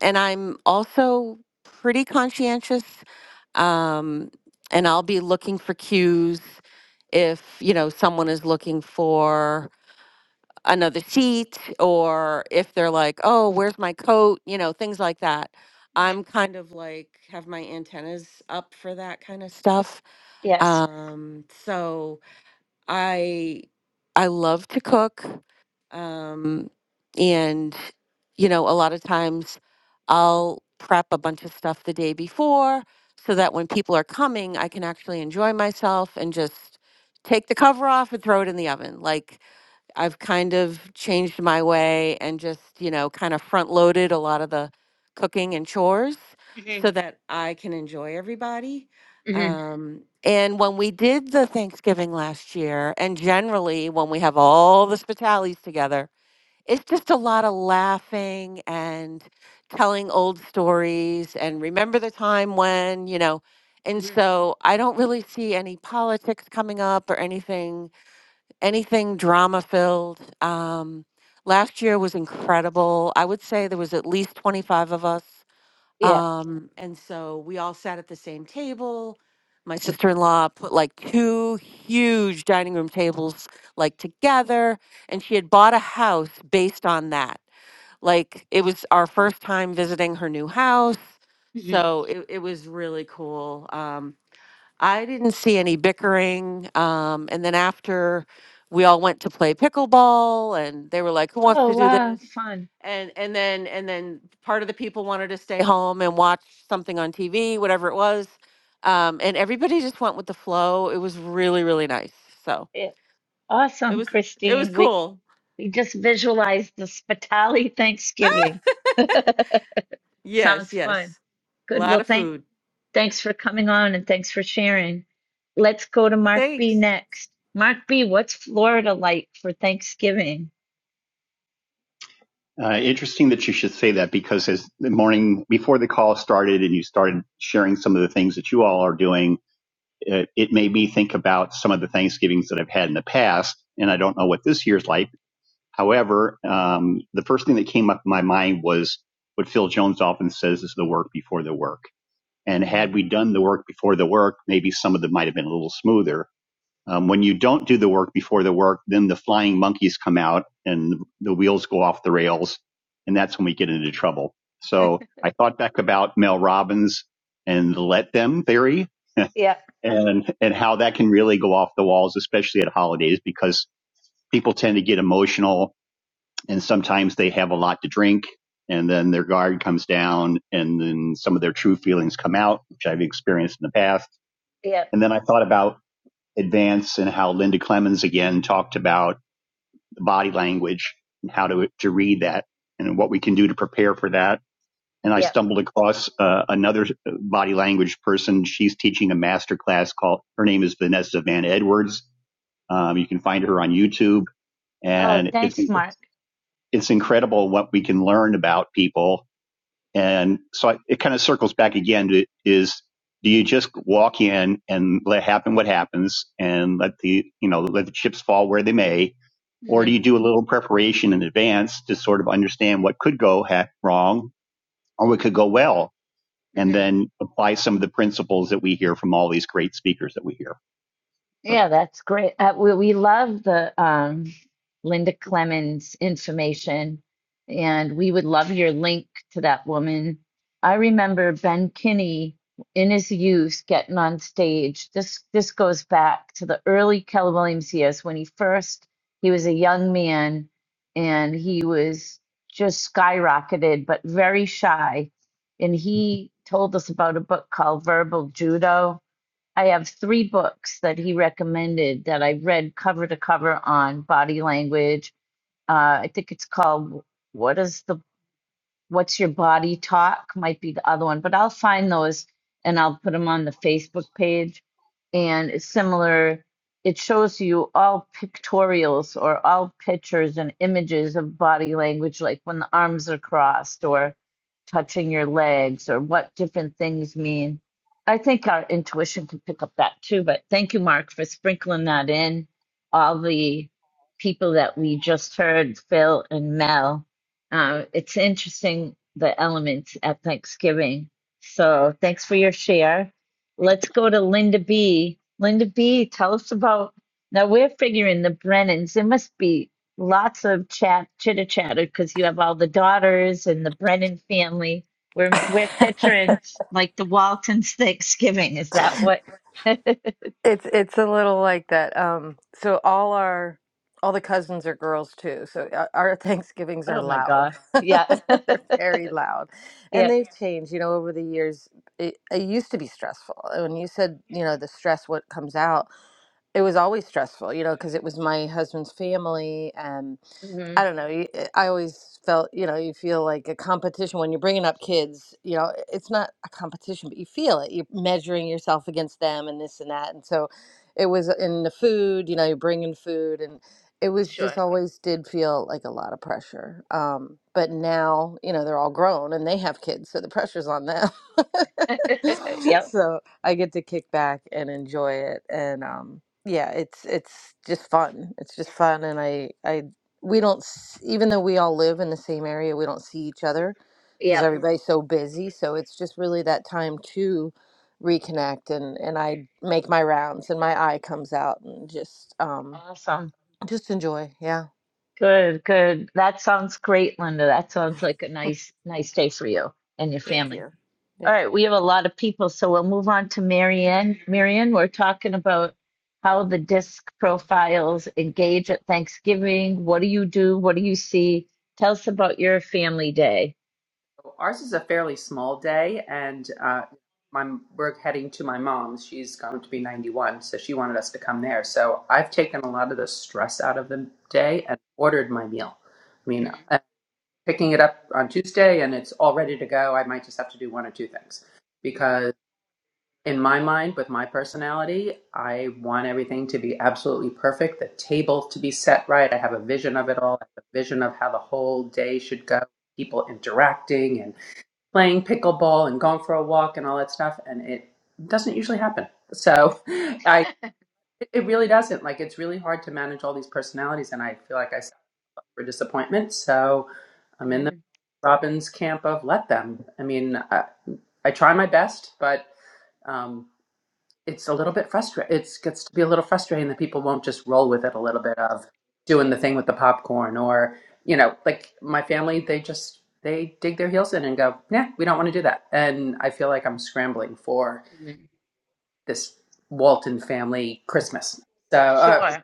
S5: and I'm also pretty conscientious. Um, and I'll be looking for cues if, you know, someone is looking for another seat or if they're like, oh, where's my coat? You know, things like that.
S1: hmm
S5: I'm kind of like have my antennas up for that kind of stuff.
S1: Yes.
S5: Um, so I I love to cook. Um, and you know, a lot of times I'll prep a bunch of stuff the day before so that when people are coming, I can actually enjoy myself and just take the cover off and throw it in the oven. Like I've kind of changed my way and just, you know, kind of front loaded a lot of the cooking and chores
S1: hmm
S5: so that I can enjoy everybody.
S1: hmm
S5: Um, and when we did the Thanksgiving last year, and generally when we have all the Spitales together, it's just a lot of laughing and telling old stories and remember the time when, you know. And
S1: hmm
S5: so I don't really see any politics coming up or anything anything drama filled. Um, last year was incredible. I would say there was at least 25 of us.
S1: Yeah.
S5: Um, and so we all sat at the same table. My sister in law put like two huge dining room tables like together, and she had bought a house based on that. Like it was our first time visiting her new house.
S1: hmm
S5: So it, it was really cool. Um, I didn't see any bickering. Um, and then after we all went to play pickleball and they were like, who wants
S1: Oh,
S5: to do
S1: wow,
S5: this?
S1: fun.
S5: And, and then, and then part of the people wanted to stay home and watch something on TV, whatever it was. Um, and everybody just went with the flow. It was really, really nice. So
S1: Yeah.
S5: it
S1: Awesome,
S5: was, it was
S1: Christine. We
S5: cool.
S1: We just visualized the Spitali
S5: Ah!
S1: Thanksgiving.
S5: Yes.
S1: Sounds fun.
S5: Yes. A
S1: Good.
S5: lot
S1: Well,
S5: of
S1: thank
S5: food.
S1: thanks for coming on and thanks for sharing. Let's go to Mark B
S5: Thanks.
S1: next. Mark B, what's Florida like for Thanksgiving?
S6: Uh, interesting that you should say that because as the morning before the call started and you started sharing some of the things that you all are doing, it, it made me think about some of the Thanksgivings that I've had in the past. And I don't know what this year's like. However, um, the first thing that came up in my mind was what Phil Jones often says is the work before the work. And had
S1: Mm-hmm.
S6: we done the work before the work, maybe some of them might have been a little smoother um, when you don't do the work before the work, then the flying monkeys come out and the wheels go off the rails. And that's when we get into trouble. So I thought back about Mel Robbins and the let them theory
S1: Yep,
S6: and, and how that can really go off the walls, especially at holidays, because people tend to get emotional and sometimes they have a lot to drink and then their guard comes down and then some of their true feelings come out, which I've experienced in the past.
S1: yep,
S6: And then I thought about advance and how Linda Clemens again talked about the body language and how to, to read that and what we can do to prepare for that. And I
S1: yep.
S6: stumbled across uh, another body language person. She's teaching a master class called, her name is Vanessa Van Edwards. Um, you can find her on YouTube
S1: Oh,
S6: and it's,
S1: thanks, Mark.
S6: it's incredible what we can learn about people and so I, it kind of circles back again to is do you just walk in and let happen what happens and let the, you know, let the chips fall where they may? Or do you
S1: Mm-hmm.
S6: do a little preparation in advance to sort of understand what could go ha- wrong or what could go well and then apply some of the principles that we hear from all these great speakers that we hear?
S1: Yeah, that's great. Uh, we we love the um, Linda Clemens information, and we would love your link to that woman. I remember Ben Kinney in his youth getting on stage. This this goes back to the early Keller Williams years when he first he was a young man and he was just skyrocketed, but very shy. And he told us about a book called Verbal Judo I have three books that he recommended that I've read cover to cover on body language. Uh, I think it's called What Does the What's Your Body Talk might be the other one, but I'll find those and I'll put them on the Facebook page. And it's similar, it shows you all pictorials or all pictures and images of body language, like when the arms are crossed or touching your legs or what different things mean. I think our intuition can pick up that too, but thank you, Mark, for sprinkling that in. All the people that we just heard, Phil and Mel, uh, it's interesting the elements at Thanksgiving. So thanks for your share. Let's go to Linda B. Linda B, tell us about now we're figuring the Brennans. There must be lots of chat chitter chatter because you have all the daughters and the Brennan family. We're we're picturing like the Waltons Thanksgiving. Is that what? oh
S7: It's it's a little like that. Um, so all our all the cousins are girls too. So our, our Thanksgivings are
S1: my
S7: loud.
S1: God. Yeah.
S7: They're very loud, and
S1: yeah.
S7: they've changed. You know, over the years, it, it used to be stressful. And When you said, you know, the stress what comes out. it was always stressful, you know, because it was my husband's family, and
S1: hmm
S7: I don't know. you- I always felt, you know, you feel like a competition when you're bringing up kids. You know, it's not a competition, but you feel it. You're measuring yourself against them, and this and that, and so it was in the food. You know, you're bringing food, and it was
S1: Sure.
S7: just always did feel like a lot of pressure. Um, but now, you know, they're all grown and they have kids, so the pressure's on them.
S1: yep.
S7: so I get to kick back and enjoy it, and um, yeah, it's it's just fun. It's just fun, and I I we don't s- even though we all live in the same area, we don't see each other because Mhm.
S1: Yep.
S7: everybody's so busy. So it's just really that time to reconnect, and and I make my rounds, and my eye comes out, and just um
S1: Awesome.
S7: just enjoy. Yeah,
S1: Good, good. That sounds great, Linda. That sounds like a nice, nice day for you and your
S7: thank
S1: family.
S7: you. Yeah,
S1: All right, we have a lot of people, so we'll move on to Marianne. Marianne, we're talking about how the disc profiles engage at Thanksgiving. What do you do? What do you see? Tell us about your family day.
S8: Ours is a fairly small day, and uh, my, we're heading to my mom's. She's going to be 91, so she wanted us to come there. So I've taken a lot of the stress out of the day and ordered my meal. I mean, i picking it up on Tuesday and it's all ready to go. I might just have to do one or two things because, in my mind, with my personality, I want everything to be absolutely perfect, the table to be set right. I have a vision of it all, I have a vision of how the whole day should go, people interacting and playing pickleball and going for a walk and all that stuff and it doesn't usually happen so i it really doesn't like it's really hard to manage all these personalities and i feel like i suffer for disappointment so i'm in the
S1: Mhm.
S8: Robbins camp of let them i mean i, I try my best but um, it's a little bit frustrating. It gets to be a little frustrating that people won't just roll with it a little bit of doing the thing with the popcorn or, you know, like my family, they just, they dig their heels in and go, nah, we don't want to do that. And I feel like I'm scrambling for this Walton family Christmas. So, uh,
S1: Sure.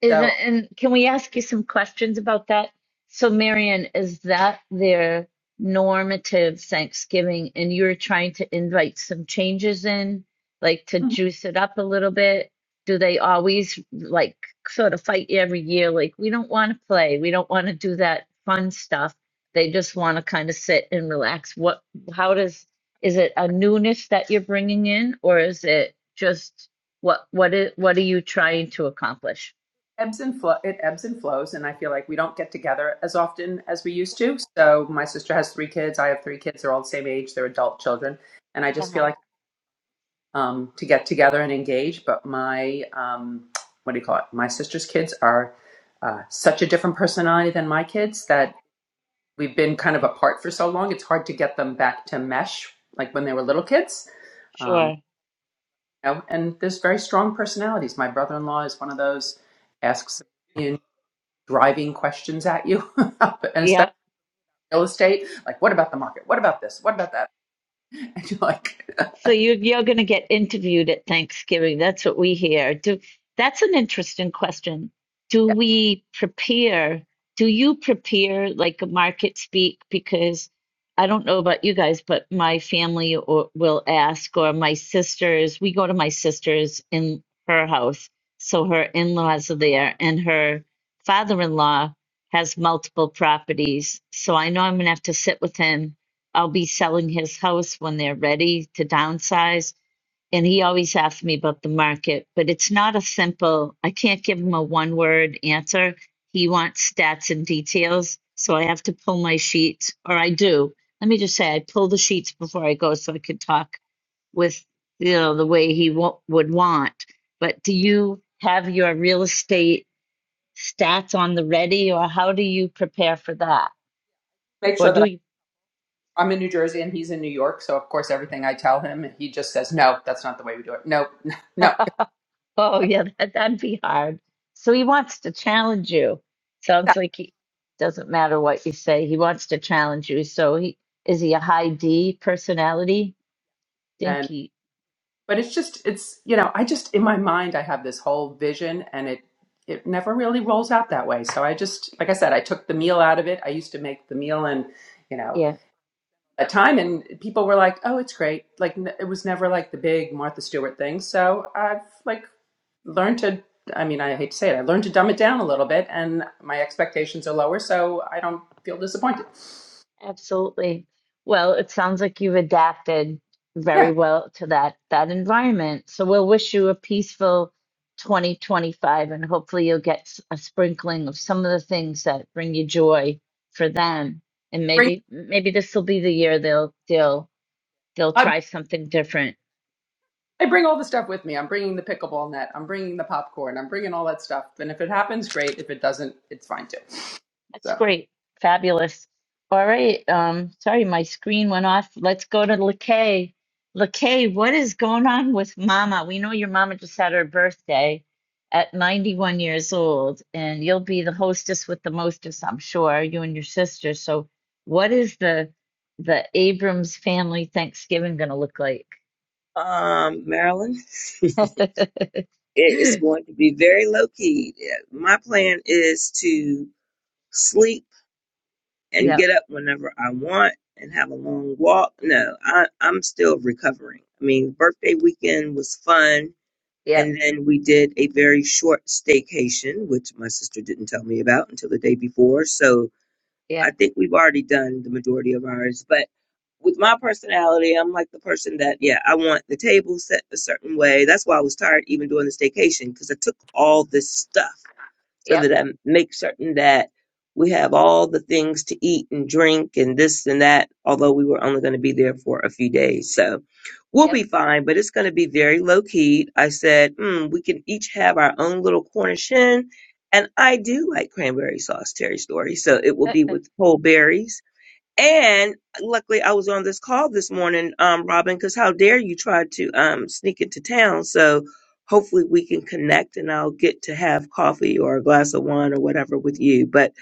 S1: Is
S8: so
S1: that, and can we ask you some questions about that? So, Marion, is that their normative Thanksgiving, and you're trying to invite some changes in, like to
S8: mhm,
S1: juice it up a little bit? Do they always like sort of fight every year? Like, we don't want to play, we don't want to do that fun stuff. They just want to kind of sit and relax. What, how does, is it a newness that you're bringing in, or is it just what, what is, what are you trying to accomplish?
S8: ebbs and flow, it ebbs and flows. And I feel like we don't get together as often as we used to. So my sister has three kids. I have three kids. They're all the same age. They're adult children. And I just feel like
S1: Uh-huh.
S8: um, to get together and engage. But my, um, what do you call it? My sister's kids are uh, such a different personality than my kids that we've been kind of apart for so long. It's hard to get them back to mesh like when they were little kids. Um,
S1: Sure.
S8: you know, and there's very strong personalities. My brother-in-law is one of those asks a million driving questions at you, and especially
S1: Yeah.
S8: real estate. Like, what about the market? What about this? What about that? And you're like,
S1: So you you're going to get interviewed at Thanksgiving. That's what we hear. Do that's an interesting question. Do
S8: yeah,
S1: we prepare? Do you prepare like a market speak? Because I don't know about you guys, but my family or, will ask, or my sisters. We go to my sister's in her house, so her in-laws are there, and her father-in-law has multiple properties. So I know I'm going to have to sit with him I'll be selling his house when they're ready to downsize. And he always asks me about the market, but it's not a simple, I can't give him a one word answer. He wants stats and details. So I have to pull my sheets, or I do. Let me just say, I pull the sheets before I go so I could talk with, you know, the way he w- would want. But do you have your real estate stats on the ready, or how do you prepare for that?
S8: make sure
S1: Or
S8: that
S1: do you?
S8: I'm in New Jersey and he's in New York, so of course everything I tell him, he just says, "No, that's not the way we do it. No, no."
S1: Oh, yeah, that, that'd be hard. So he wants to challenge you. Sounds like he doesn't matter what you say. He wants to challenge you. So he is he a high D personality? Think
S8: And
S1: he,
S8: but it's just it's you know I just in my mind I have this whole vision and it it never really rolls out that way. So I just like I said I took the meal out of it. I used to make the meal and you know
S1: yeah,
S8: a time and people were like, "Oh, it's great." Like n- it was never like the big Martha Stewart thing. So I've like learn to i mean i hate to say it i learned to dumb it down a little bit and my expectations are lower so i don't feel disappointed
S1: absolutely. Well, it sounds like you've adapted
S8: yeah
S1: very well to that that environment. So we'll wish you a peaceful 2025, and hopefully you'll get s- a sprinkling of some of the things that bring you joy for them. And
S8: bring
S1: maybe maybe this will be the year they'll they'll they'll
S8: i,
S1: try something different.
S8: I bring all the stuff with me i'm bringing the pickleball net i'm bringing the popcorn i'm bringing all that stuff and if it happens great if it doesn't it's fine too
S1: That's
S8: So.
S1: great. Fabulous. All right. Um, sorry, my screen went off. Let's go to LeKay. LeKay, what is going on with Mama? We know your mama just had her birthday at 91 years old, and you'll be the hostess with the mostest, I'm sure, you and your sister. So what is the the Abrams family Thanksgiving gonna look like?
S9: um, Maryland. it is
S1: yep,
S9: going to be very low key. My plan is to sleep and get up whenever I want and have a long walk. No, I, I'm still recovering. I mean, birthday weekend was fun.
S1: yep,
S9: And then we did a very short staycation, which my sister didn't tell me about until the day before. So I
S1: yep,
S9: think we've already done the majority of ours, but with my personality, I'm like the person that, yeah, I want the table set a certain way. That's why I was tired even doing the staycation because I took all this stuff so
S1: yep,
S9: that I make certain that we have all the things to eat and drink and this and that, although we were only going to be there for a few days. So we'll
S1: yep,
S9: be fine, but it's going to be very low key. I said, mm, we can each have our own little Cornish hen. And I do like cranberry sauce, Terry Story. So it will be with whole berries and luckily, I was on this call this morning, um, Robin, because how dare you try to um, sneak into town? So hopefully we can connect and I'll get to have coffee or a glass of wine or whatever with you. But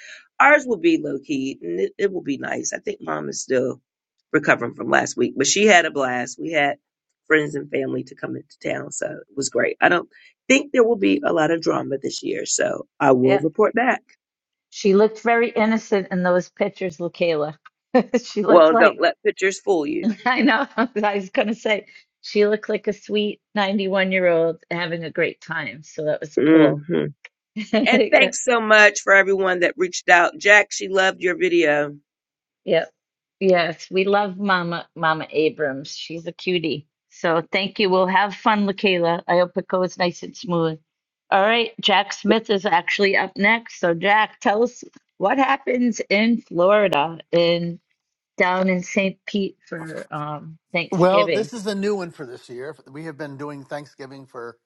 S9: ours will be low key and it, it will be nice. I think mom is still recovering from last week, but she had a blast. We had friends and family to come into town. So it was great. I don't think there will be a lot of drama this year. So I will
S1: yep.
S9: report back.
S1: She looked very innocent in those pictures, LaKayla. she looked
S9: Well, don't
S1: like,
S9: let pictures fool you.
S1: I know, I was going to say, she looked like a sweet 91 year old having a great time. So that was cool.
S9: And
S1: yeah,
S9: thanks so much for everyone that reached out. Jack, she loved your video.
S1: yeah, yes. We love Mama, Mama Abrams. She's a cutie. So thank you. We'll have fun, LaKayla. I hope it goes nice and smooth. All right. Jack Smith is actually up next. So, Jack, tell us what happens in Florida in down in St. Pete for um,
S10: Well,
S1: Thanksgiving.
S10: this is a new one for this year. We have been doing Thanksgiving for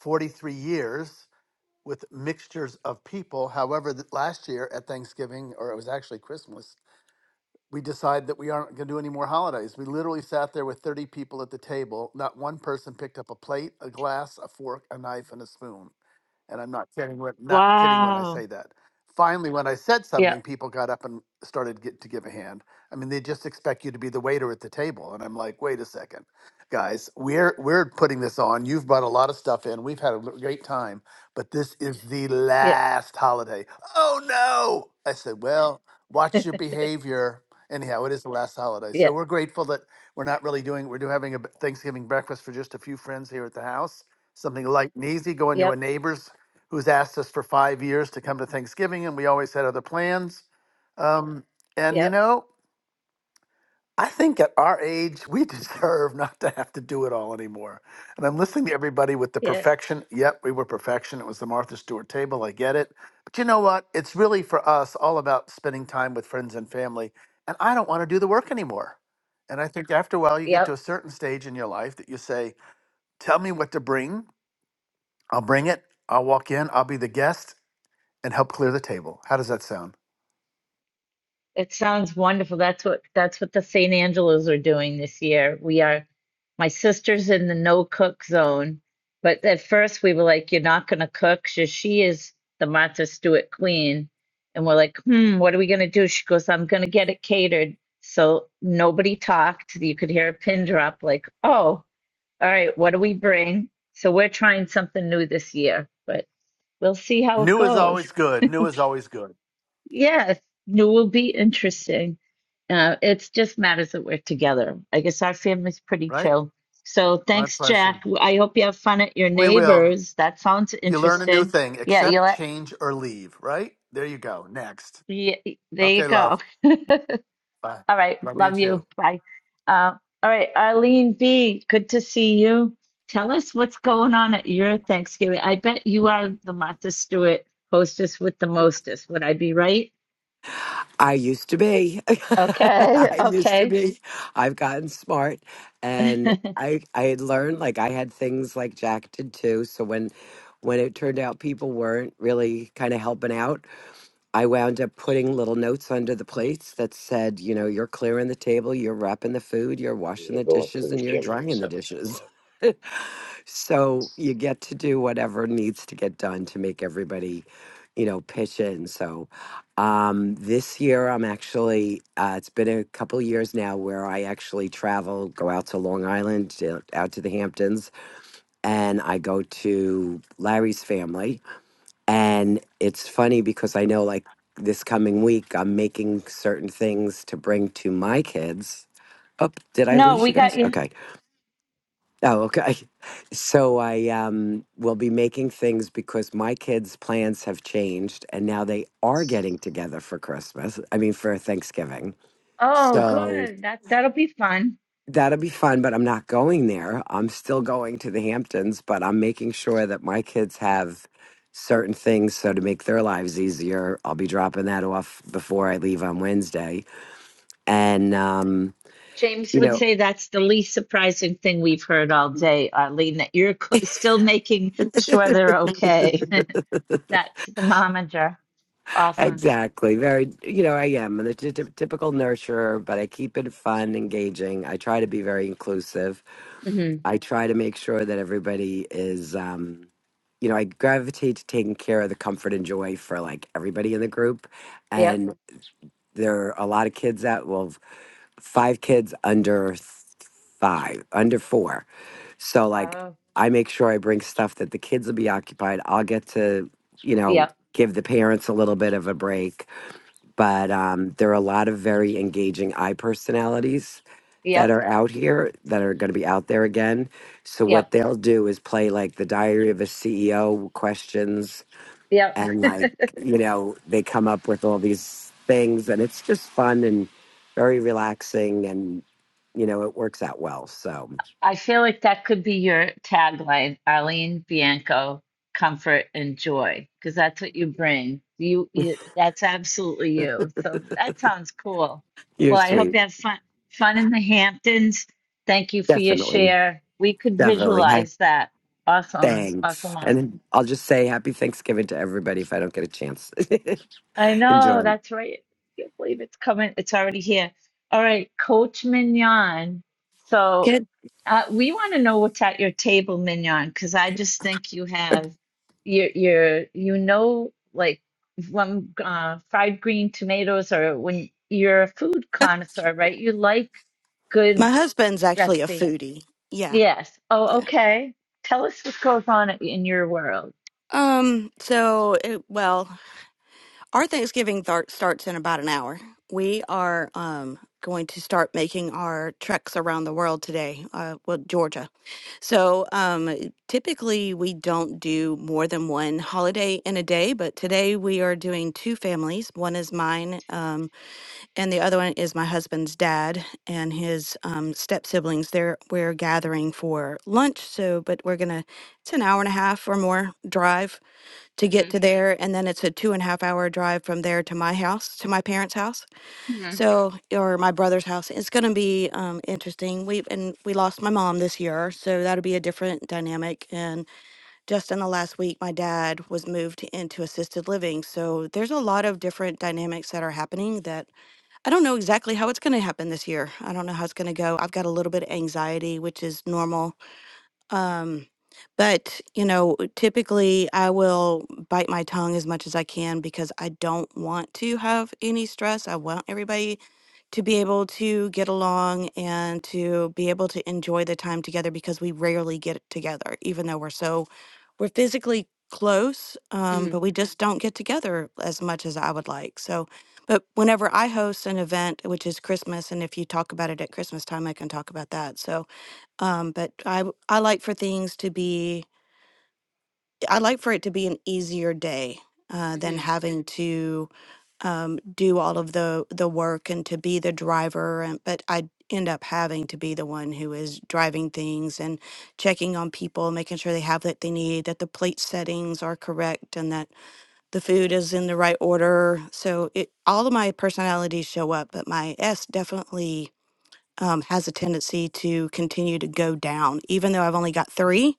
S10: 43 years with mixtures of people. However, th- last year at Thanksgiving, or it was actually Christmas, we decided that we aren't going to do any more holidays. We literally sat there with 30 people at the table. Not one person picked up a plate, a glass, a fork, a knife, and a spoon and I'm not kidding when not kidding when I say
S1: Wow.
S10: that. Finally, when I said something,
S1: Yep,
S10: people got up and started get, to give a hand. I mean, they just expect you to be the waiter at the table, and I'm like, wait a second, guys, we're we're putting this on. You've brought a lot of stuff in. We've had a l- great time, but this is the
S1: yep,
S10: last holiday. Oh no! I said, well, watch your behavior. Anyhow, it is the last holiday, so
S1: yep,
S10: we're grateful that we're not really doing. We're doing having a b- Thanksgiving breakfast for just a few friends here at the house something light and easy, going to a
S1: yep,
S10: neighbor's who's asked us for five years to come to Thanksgiving, and we always had other plans. Um, and you
S1: yep,
S10: know, I think at our age, we deserve not to have to do it all anymore. And I'm listening to everybody with the
S1: yes,
S10: perfection. Yep, we were perfection. It was the Martha Stewart table. I get it. But you know what? It's really for us all about spending time with friends and family. And I don't want to do the work anymore. And I think after a while, you get to
S1: yep.
S10: a certain stage in your life that you say, Tell me what to bring. I'll bring it. I'll walk in. I'll be the guest and help clear the table. How does that sound?
S1: It sounds wonderful. That's what that's what the St. Angelos are doing this year. We are my sister's in the no cook zone, but at first we were like, "You're not gonna cook." She, she is the Martha Stewart queen, and we're like, "Hmm, what are we gonna do?" She goes, "I'm gonna get it catered." So nobody talked. You could hear a pin drop, like, "Oh." all right, what do we bring? So we're trying something new this year, but we'll see how it
S10: New is
S1: goes.
S10: always good. New is always good,
S1: Yeah, new will be interesting. Uh, it's just matters that we're together. I guess our family's pretty
S10: right?
S1: chill. So
S10: My
S1: thanks,
S10: pleasure.
S1: Jack. I hope you have fun at your
S10: We will.
S1: neighbors. That sounds
S10: You learn a new
S1: interesting.
S10: thing,
S1: Yeah, you
S10: accept,
S1: let,
S10: change, or leave, right? There you go. Next.
S1: yeah, there you
S10: Okay,
S1: go.
S10: love. Bye.
S1: All right.
S10: Love you
S1: Love
S10: too.
S1: you. Bye. Uh, all right. Arlene B., good to see you. Tell us what's going on at your Thanksgiving. I bet you are the Martha Stewart hostess with the mostest. Would I be right?
S11: I used to be.
S1: Okay.
S11: I used to
S1: Okay.
S11: be. I've gotten smart and I I had learned like I had things like Jack did too. So when when it turned out people weren't really kind of helping out, I wound up putting little notes under the plates that said, you know, you're clearing the table, you're wrapping the food, you're washing the dishes and you're drying the dishes. So you get to do whatever needs to get done to make everybody, you know, pitch in. So um, this year, I'm actually, uh, it's been a couple years now where I actually travel, go out to Long Island, to- out to the Hamptons, and I go to Larry's family. And it's funny because I know like this coming week, I'm making certain things to bring to my kids. Oh, did I
S1: No,
S11: lose
S1: we
S11: you guys?
S1: got you.
S11: Okay Oh, okay. So I um, will be making things because my kids' plans have changed and now they are getting together for Christmas. I mean, for Thanksgiving.
S1: Oh,
S11: So
S1: good. That that'll be fun.
S11: that'll be fun, but I'm not going there. I'm still going to the Hamptons, but I'm making sure that my kids have certain things. So to make their lives easier, I'll be dropping that off before I leave on Wednesday. And, um,
S1: James
S11: you know,
S1: would say that's the least surprising thing we've heard all day, Arlene, that you're co- still making sure they're okay. That's the momager. Awesome.
S11: Exactly. Very, you know, I am a t- t- typical nurturer, but I keep it fun, engaging. I try to be very inclusive.
S1: hmm
S11: I try to make sure that everybody is, um, you know, I gravitate to taking care of the comfort and joy for like everybody in the group.
S1: Yep.
S11: And there are a lot of kids that, well, five kids under th- five, under four. So, like,
S1: Wow.
S11: I make sure I bring stuff that the kids will be occupied. I'll get to, you know,
S1: Yep,
S11: give the parents a little bit of a break but um, there are a lot of very engaging eye personalities that
S1: yep,
S11: are out here that are going to be out there again. So
S1: yep,
S11: what they'll do is play like the Diary of a CEO questions,
S1: yep.
S11: and like you know they come up with all these things, and it's just fun and very relaxing, and you know it works out well. So
S1: I feel like that could be your tagline, Arlene Bianco, comfort and joy, because that's what you bring. You, you, that's absolutely you. So that sounds cool.
S11: you're
S1: Well, I hope
S11: sweet,
S1: you have fun, fun in the Hamptons. Thank you for your
S11: definitely,
S1: share. We could
S11: definitely. Hi.
S1: visualize that. Awesome, awesome,
S11: Thanks.
S1: awesome.
S11: And I'll just say happy Thanksgiving to everybody if I don't get a chance.
S1: I know,
S11: Enjoy.
S1: that's right. I can't believe it's coming. It's already here. All right, Coach Mignon. So
S12: Good.
S1: uh, we want to know what's at your table, Mignon, because I just think you have your your you know like when uh, fried green tomatoes or when you're a food connoisseur, right? You like
S12: My
S1: good
S12: husband's actually a
S1: recipe.
S12: foodie. Yeah,
S1: Yes. Oh,
S12: yeah.
S1: okay. Tell us what goes on in your world.
S12: Um. So, it, well, our Thanksgiving th- starts in about an hour. We are um going to start making our treks around the world today. Uh, well, Georgia. So, um, typically we don't do more than one holiday in a day, but today we are doing two families. One is mine. Um, and the other one is my husband's dad and his um, step siblings. They're we're gathering for lunch, so but we're gonna it's an hour and a half or more drive to get
S1: Mm-hmm,
S12: to there, and then it's a two and a half hour drive from there to my house, to my parents' house, so or my brother's house. It's gonna be um, interesting. We and we lost my mom this year, so that'll be a different dynamic. And just in the last week, my dad was moved into assisted living, so there's a lot of different dynamics that are happening that I don't know exactly how it's going to happen this year. I don't know how it's going to go. I've got a little bit of anxiety, which is normal um, but, you know, typically I will bite my tongue as much as I can because I don't want to have any stress. I want everybody to be able to get along and to be able to enjoy the time together because we rarely get together, even though we're so, we're physically close, um,
S1: mm-hmm,
S12: but we just don't get together as much as I would like. So, but whenever I host an event, which is Christmas, and if you talk about it at Christmas time, I can talk about that. So, um, but I w- I like for things to be I like for it to be an easier day uh, than
S1: mm-hmm,
S12: having to um, do all of the the work and to be the driver. And but I end up having to be the one who is driving things and checking on people, making sure they have what they need, that the plate settings are correct, and that the food is in the right order. So it all of my personalities show up, but my S definitely um, has a tendency to continue to go down. Even though I've only got three,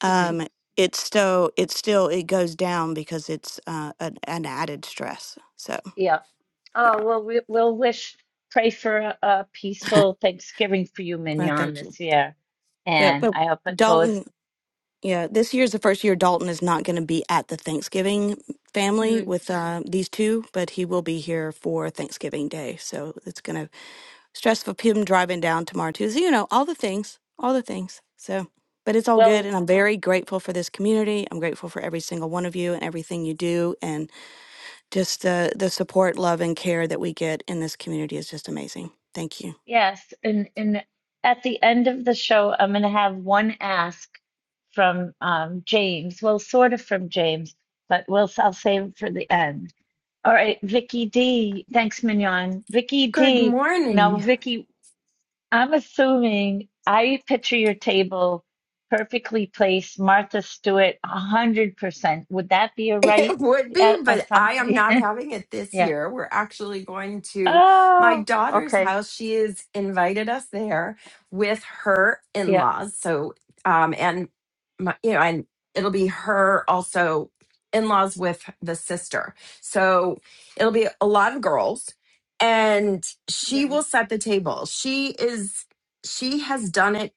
S12: um, it's still it's still it goes down because it's uh, an, an added stress. So,
S1: Yeah. Oh, well, we, we'll wish, pray for a, a peaceful Thanksgiving for you,
S12: well,
S1: Mignon,
S12: thank you.
S1: this year.
S12: Yeah,
S1: And
S12: but
S1: I hope it goes.
S12: Dalton. Yeah, this year's the first year Dalton is not going to be at the Thanksgiving family
S1: Hmm.
S12: with uh, these two, but he will be here for Thanksgiving Day. So it's gonna stress of him driving down to Martusa, you know, all the things, all the things. So, but it's all good.
S1: Well,
S12: And I'm very grateful for this community. I'm grateful for every single one of you and everything you do. And just the, the support, love, and care that we get in this community is just amazing. Thank you.
S1: yes. And, and at the end of the show, I'm going to have one ask from um, James. Well, sort of from James, but we'll, I'll save it for the end. All right, Vicky D. Thanks, Mignon. Vicky
S13: Good
S1: D. Now,
S13: morning.
S1: Vicky, I'm assuming I picture your table perfectly placed, Martha Stewart, 100%. Would that be a right
S13: It would be,
S1: a-
S13: but I am
S1: assumption?
S13: not having it this
S1: Yeah.
S13: year. We're actually going to my
S1: Oh,
S13: daughter's
S1: okay.
S13: house. She has invited us there with her in
S1: Yep.
S13: laws. So, um, and my, you know, and it'll be her also in laws with the sister. So it'll be a lot of girls and she will
S1: Mhm.
S13: set the table. She is, she has done it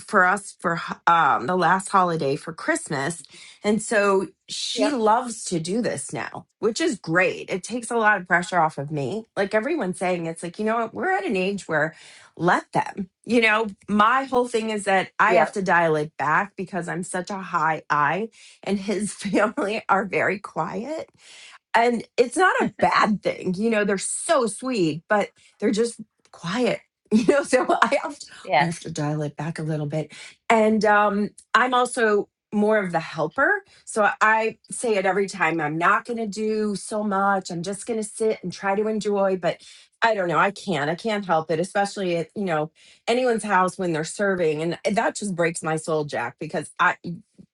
S13: for us for um, the last holiday for Christmas. And so she
S1: Yep.
S13: loves to do this now, which is great. It takes a lot of pressure off of me. Like everyone's saying, it's like, you know what? We're at an age where let them. You know, my whole thing is that I have
S1: Yep.
S13: to dial it back because I'm such a high I, and his family are very quiet and it's not a bad thing you know they're so sweet but they're just quiet you know so i have to, i have to
S1: Yes.
S13: dial it back a little bit and um i'm also more of the helper so i I say it every time i'm not going to do so much i'm just going to sit and try to enjoy but i don't know i can't i can't help it especially at you know anyone's house when they're serving and that just breaks my soul jack because i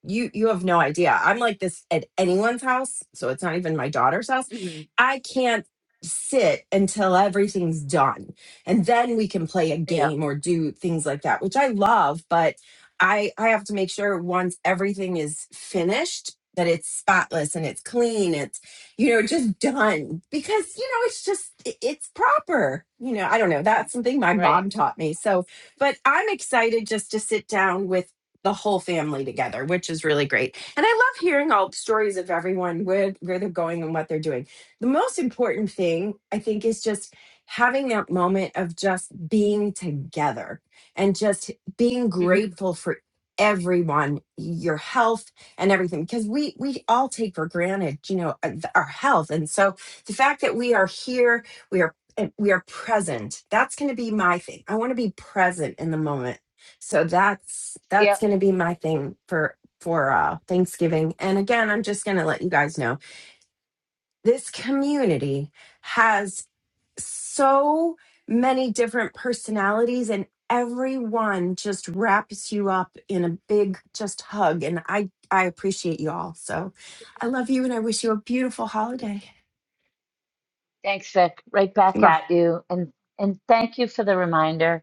S13: you you have no idea. I'm like this at anyone's house, so it's not even my daughter's house.
S1: hmm
S13: I can't sit until everything's done. And then we can play a
S1: Yep.
S13: game or do things like that, which I love, but I I have to make sure once everything is finished that it's spotless and it's clean, it's you know, just done because you know, it's just it- it's proper. You know, I don't know. That's something my
S1: Right.
S13: mom taught me. So, but I'm excited just to sit down with the whole family together, which is really great. And I love hearing all the stories of everyone where where they're going and what they're doing. The most important thing I think is just having that moment of just being together and just being
S1: hmm
S13: grateful for everyone your health and everything because we we all take for granted you know uh, th- our health and so the fact that we are here we are and we are present that's going to be my thing i want to be present in the moment so that's that's
S1: Yep.
S13: going to be my thing for for uh thanksgiving and again i'm just going to let you guys know this community has so many different personalities and everyone just wraps you up in a big just hug and i i appreciate you all so i love you and i wish you a beautiful holiday
S1: Thanks, Vic. Right back
S13: Mwah.
S1: at you. And and thank you for the reminder.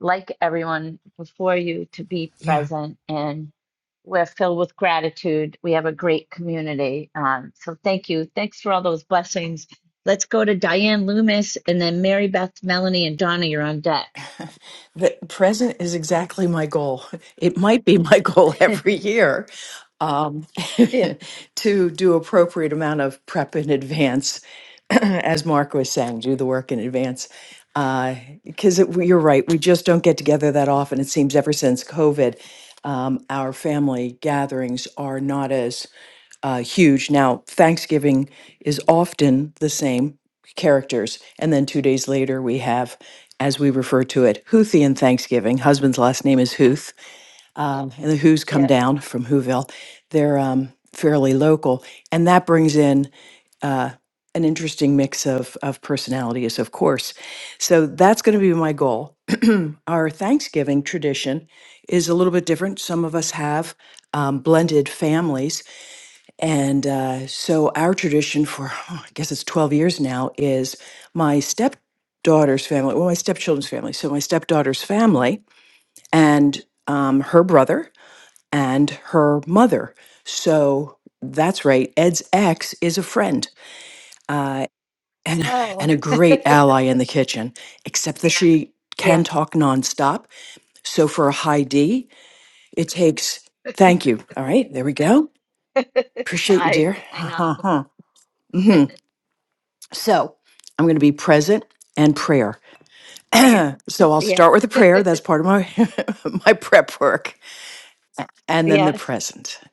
S1: like everyone before you, to be
S13: yeah
S1: present. And we're filled with gratitude. We have a great community. Um, so thank you. Thanks for all those blessings. Let's go to Diane Loomis and then Mary Beth, Melanie, and Donna. You're on deck.
S14: The present is exactly my goal. It might be my goal every
S1: yeah,
S14: year um, to do appropriate amount of prep in advance as Mark was saying, do the work in advance. Because it you're right, we just don't get together that often. It seems ever since COVID, um, our family gatherings are not as uh, huge. Now, Thanksgiving is often the same characters. And then two days later, we have, as we refer to it, Houthian Thanksgiving. Husband's last name is Huth um, and the Who's come
S1: yeah.
S14: down from Whoville. They're um, fairly local, and that brings in uh, an interesting mix of of personalities, of course. So that's going to be my goal. Our Thanksgiving tradition is a little bit different. Some of us have um, blended families, and uh, so our tradition for I guess it's twelve years now is my stepdaughter's family, well, my stepchildren's family. So my stepdaughter's family and um, her brother and her mother. So that's right. Ed's ex is a friend uh, and
S1: Oh,
S14: and a great ally in the kitchen, except that she
S1: yeah.
S14: can talk nonstop. So for a high D, it takes. Thank you. All right, there we go. Appreciate you,
S1: I,
S14: dear.
S1: I know.
S14: hmm So I'm going to be present and prayer. so I'll
S1: Yeah.
S14: start with a prayer. That's part of my my prep work, and then the
S1: Yes.
S14: present.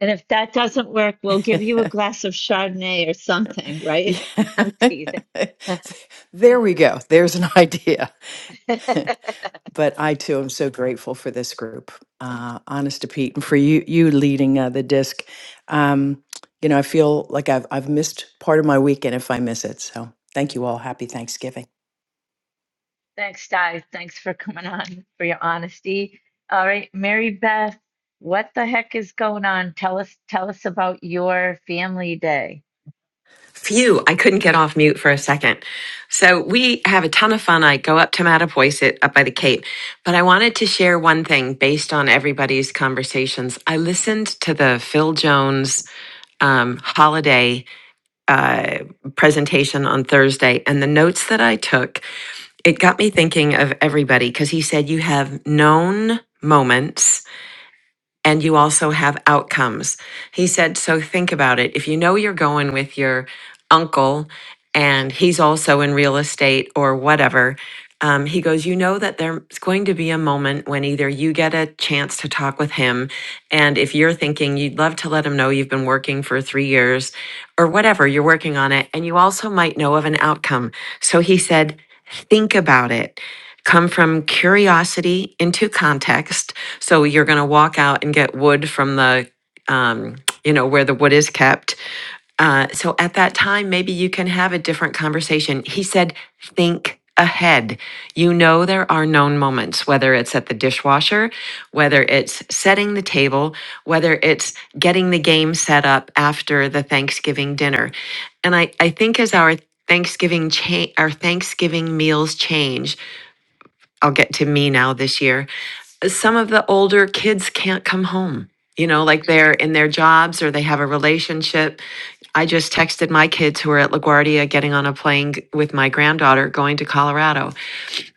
S1: And if that doesn't work, we'll give you a glass of Chardonnay or something, right? I'm teasing.
S14: Yeah. There we go. There's an idea. But I too am so grateful for this group. Uh, honest to Pete, and for you, you leading uh, the disc. Um, you know, I feel like I've I've missed part of my weekend if I miss it. So thank you all. Happy Thanksgiving.
S1: Thanks, Di. Thanks for coming on, for your honesty. All right, Mary Beth, what the heck is going on? Tell us, tell us about your family day.
S15: Phew, I couldn't get off mute for a second. So we have a ton of fun. I go up to Mattapoisett up by the Cape, but I wanted to share one thing based on everybody's conversations. I listened to the Phil Jones um, holiday uh, presentation on Thursday, and the notes that I took, it got me thinking of everybody because he said you have known moments and you also have outcomes. He said, So think about it. If you know you're going with your uncle and he's also in real estate or whatever, um, he goes, You know that there's going to be a moment when either you get a chance to talk with him. And if you're thinking you'd love to let him know you've been working for three years or whatever, you're working on it. And you also might know of an outcome. So he said, Think about it come from curiosity into context. So you're going to walk out and get wood from the, um, you know, where the wood is kept. Uh, so at that time, maybe you can have a different conversation. He said, think ahead. You know, there are known moments, whether it's at the dishwasher, whether it's setting the table, whether it's getting the game set up after the Thanksgiving dinner. And I, I think as our Thanksgiving cha- our Thanksgiving meals change I'll get to me now this year. Some of the older kids can't come home. You know, like
S1: hmm
S15: they're in their jobs or they have a relationship. I just texted my kids who are at LaGuardia getting on a plane with my granddaughter going to Colorado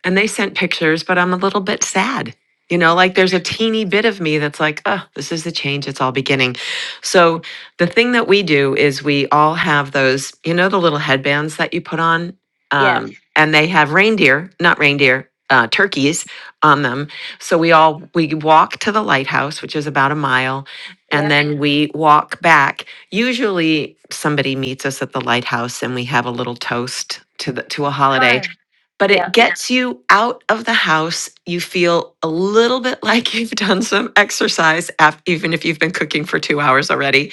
S15: and they sent pictures, but I'm a little bit sad. You know, like
S1: hmm
S15: there's a teeny bit of me that's like, oh, this is the change. It's all beginning. So the thing that we do is we all have those, you know, the little headbands that you put on,
S1: Yes,
S15: um, and they have reindeer, not reindeer, uh, turkeys on them. So we all we walk to the lighthouse, which is about a mile, and
S1: yeah,
S15: then we walk back. Usually, somebody meets us at the lighthouse, and we have a little toast to the to a
S1: that's
S15: holiday
S1: fun.
S15: but it
S1: Yeah,
S15: gets you out of the house. You feel a little bit like you've done some exercise, af- even if you've been cooking for two hours already.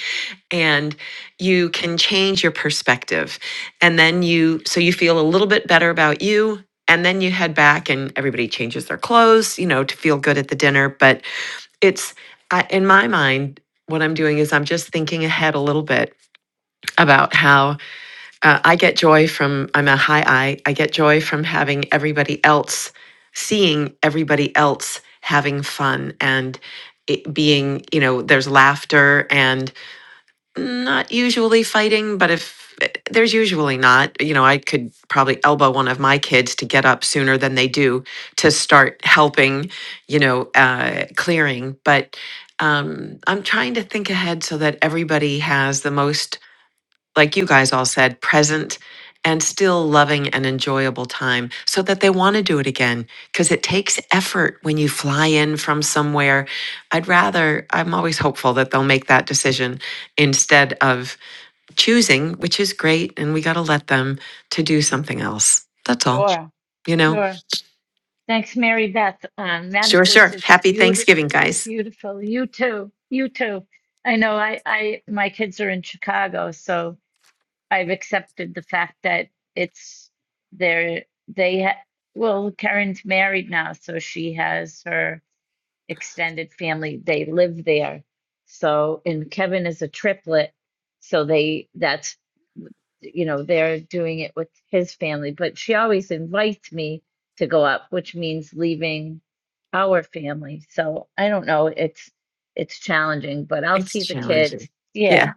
S15: And you can change your perspective. And then
S1: Mhm.
S15: you, so you feel a little bit better about you. And then you head back and everybody changes their clothes, you know, to feel good at the dinner. But it's, I, in my mind, what I'm doing is I'm just thinking ahead a little bit about how uh, I get joy from, I'm a high I, I get joy from having everybody else, seeing everybody else having fun and it being, you know, there's laughter and not usually fighting, but if there's usually not, you know, I could probably elbow one of my kids to get up sooner than they do to start helping, you know, uh, clearing. But um, I'm trying to think ahead so that everybody has the most like you guys all said, present and still loving and enjoyable time so that they want to do it again because it takes effort when you fly in from somewhere. I'd rather, I'm always hopeful that they'll make that decision instead of choosing, which is great. And we got to let them to do something else. That's all,
S1: sure,
S15: you know?
S1: sure. Thanks, Mary Beth. Um,
S15: Sure,
S1: Matipoisette's
S15: sure.
S1: it's
S15: Happy
S1: beautiful,
S15: Thanksgiving, guys.
S1: beautiful. You too, you too. I know. I, I, my kids are in Chicago, so. I've accepted the fact that it's there. They ha- well, Karen's married now, so she has her extended family. They live there. So, and Kevin is a triplet, so they that's you know they're doing it with his family. But she always invites me to go up, which means leaving our family. So I don't know. It's it's challenging, but I'll
S15: It's
S1: see the
S15: challenging.
S1: kids. Yeah.
S15: Yeah,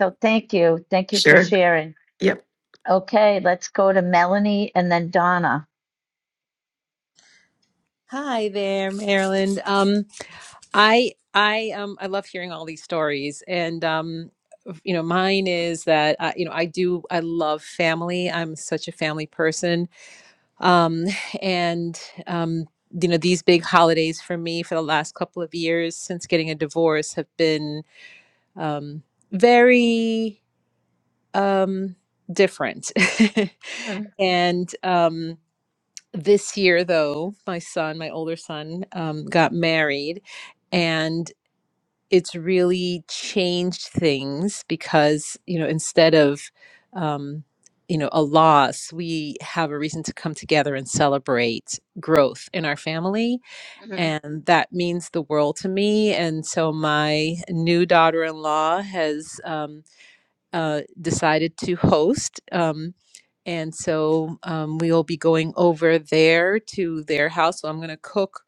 S1: So thank you, thank you for
S15: sure.
S1: sharing.
S15: Yep.
S1: Okay, let's go to Melanie and then Donna.
S16: Hi there, Marilyn. Um, I I um I love hearing all these stories, and um, you know, mine is that uh, you know I do I love family. I'm such a family person, um, and um, you know, these big holidays for me for the last couple of years since getting a divorce have been um very um different,
S1: hmm
S16: and um. this year though my son my older son um, got married and it's really changed things because you know instead of um, you know a loss we have a reason to come together and celebrate growth in our family
S1: hmm
S16: and that means the world to me and so my new daughter-in-law has um, uh, decided to host. Um, and so um, we will be going over there to their house. So I'm going to cook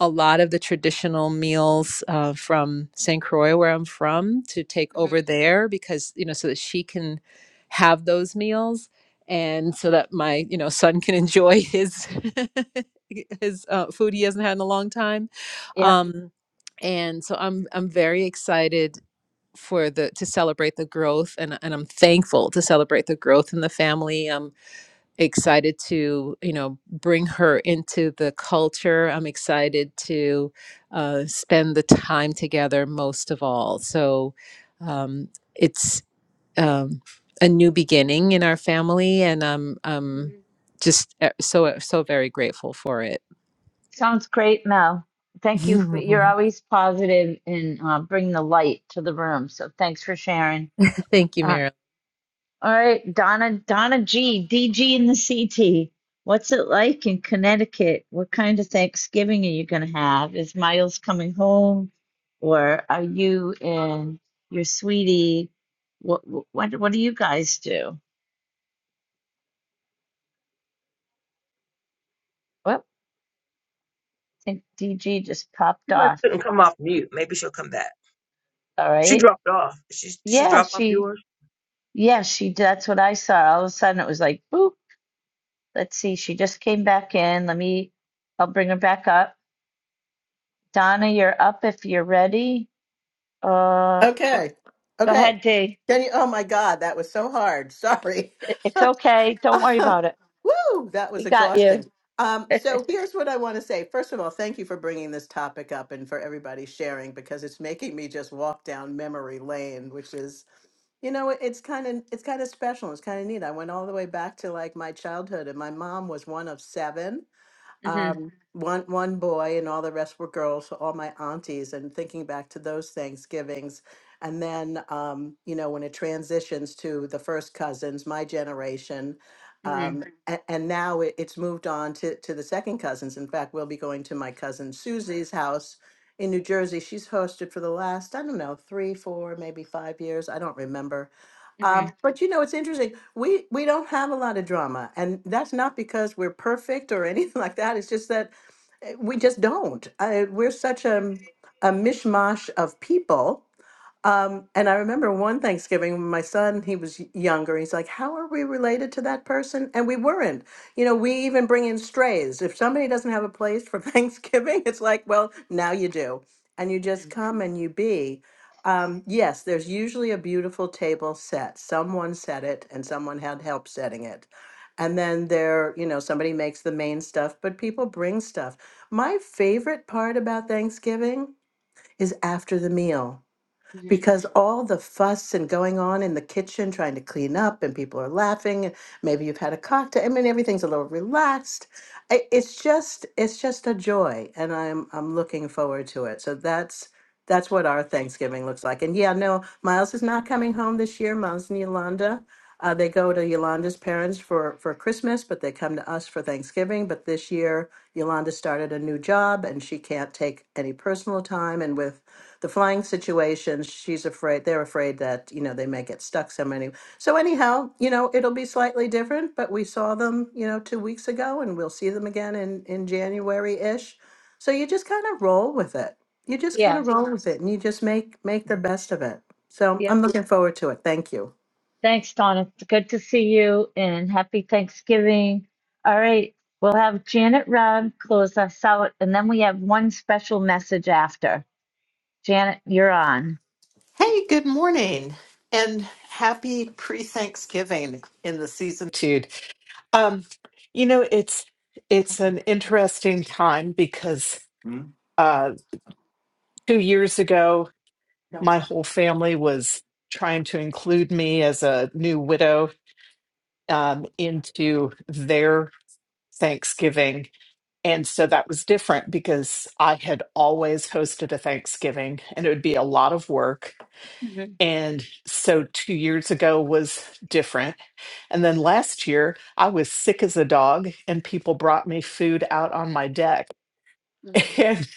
S16: a lot of the traditional meals uh, from St. Croix, where I'm from, to take
S1: hmm
S16: over there because, you know, so that she can have those meals and so that my, you know, son can enjoy his. his uh, food he hasn't had in a long time
S1: Yep.
S16: um and so i'm i'm very excited for the to celebrate the growth and and I'm thankful to celebrate the growth in the family. I'm excited to, you know, bring her into the culture. I'm excited to uh, spend the time together most of all. So um, it's um, a new beginning in our family and I'm um
S1: hmm
S16: just uh, so so very grateful for it.
S1: Sounds great, Mel. Thank you for, you're always positive and uh, bring the light to the room. So thanks for sharing.
S16: Thank you,
S1: Uh,
S16: Mary.
S1: all right, Donna, Donna G, D G in the CT. What's it like in Connecticut? What kind of Thanksgiving are you going to have? Is Miles coming home, or are you and your sweetie? What what what do you guys do? What think DG just popped
S9: She must
S1: off.
S9: couldn't come off mute. Maybe she'll come back.
S1: All
S9: She
S1: right.
S9: dropped off. She she
S1: Yeah,
S9: dropped off
S1: she,
S9: yours.
S1: yeah, she, that's what I saw. All of a sudden it was like, boop. Let's see. She just came back in. Let me, I'll bring her back up. Donna, you're up if you're ready. Uh, wh-
S17: Okay.
S1: go
S17: Okay.
S1: ahead, D. I-
S17: Can you? Oh my God, that was so hard. Sorry.
S1: It's okay. Don't worry about it.
S17: Woo, that was
S1: We got
S17: exhausting.
S1: you.
S17: Um, so here's what I want to say. First of all, thank you for bringing this topic up and for everybody sharing because it's making me just walk down memory lane, which is, you know, it- it's kind of it's kind of special. It's kind of neat. I went all the way back to like my childhood, and my mom was one of seven,
S1: Mm-hmm,
S17: um, one one boy and all the rest were girls so all my aunties and thinking back to those thanksgivings and then um, you know when it transitions to the first cousins my generation
S1: mm-hmm,
S17: um, and, and now it, it's moved on to, to the second cousins in fact we'll be going to my cousin susie's house in new jersey she's hosted for the last i don't know three four maybe five years i don't remember um,
S1: mm-hmm,
S17: but you know it's interesting we we don't have a lot of drama and that's not because we're perfect or anything like that it's just that eh, we just don't uh, we're such a, a mishmash of people um, and I remember one Thanksgiving when my son, he was y- younger, he's like, How are we related to that person? And we weren't. You know, we even bring in strays. If somebody doesn't have a place for Thanksgiving, it's like, Well, now you do. And you
S1: mm-hmm.
S17: just come and you be. Um, yes, there's usually a beautiful table set. Someone set it and someone had help setting it. And then there, you know, somebody makes the main stuff, but people bring stuff. My favorite part about Thanksgiving is after the meal
S1: mm-hmm.
S17: because all the fuss and going on in the kitchen trying to clean up and people are laughing and maybe you've had a cocktail i mean everything's a little relaxed I- it's just it's just a joy and i'm i'm looking forward to it so that's that's what our thanksgiving looks like and yeah no miles is not coming home this year miles and yolanda uh, they go to yolanda's parents for for christmas but they come to us for thanksgiving but this year yolanda started a new job and she can't take any personal time and with the flying situation she's afraid they're afraid that you know they may get stuck so many so anyhow you know it'll be slightly different but we saw them you know two weeks ago and we'll see them again in in january-ish so you just kind of roll with it you just kind of
S1: Yes.
S17: roll with it and you just make make the best of it so
S1: Yep.
S17: i'm looking forward to it thank you
S1: Thanks, Donna. It's good to see you and happy Thanksgiving. All right, we'll have Janet Robb close us out, and then we have one special message after. Janet, you're on.
S18: Hey, good morning and happy pre-Thanksgiving in the season Tude. Um, you know, it's it's an interesting time because
S17: Hmm?
S18: uh two years ago my whole family was trying to include me as a new widow um into their Thanksgiving. And so that was different because I had always hosted a Thanksgiving and it would be a lot of work
S1: Mhm,
S18: And so two years ago was different. And then last year, I was sick as a dog, and people brought me food out on my deck.
S1: mhm.
S18: And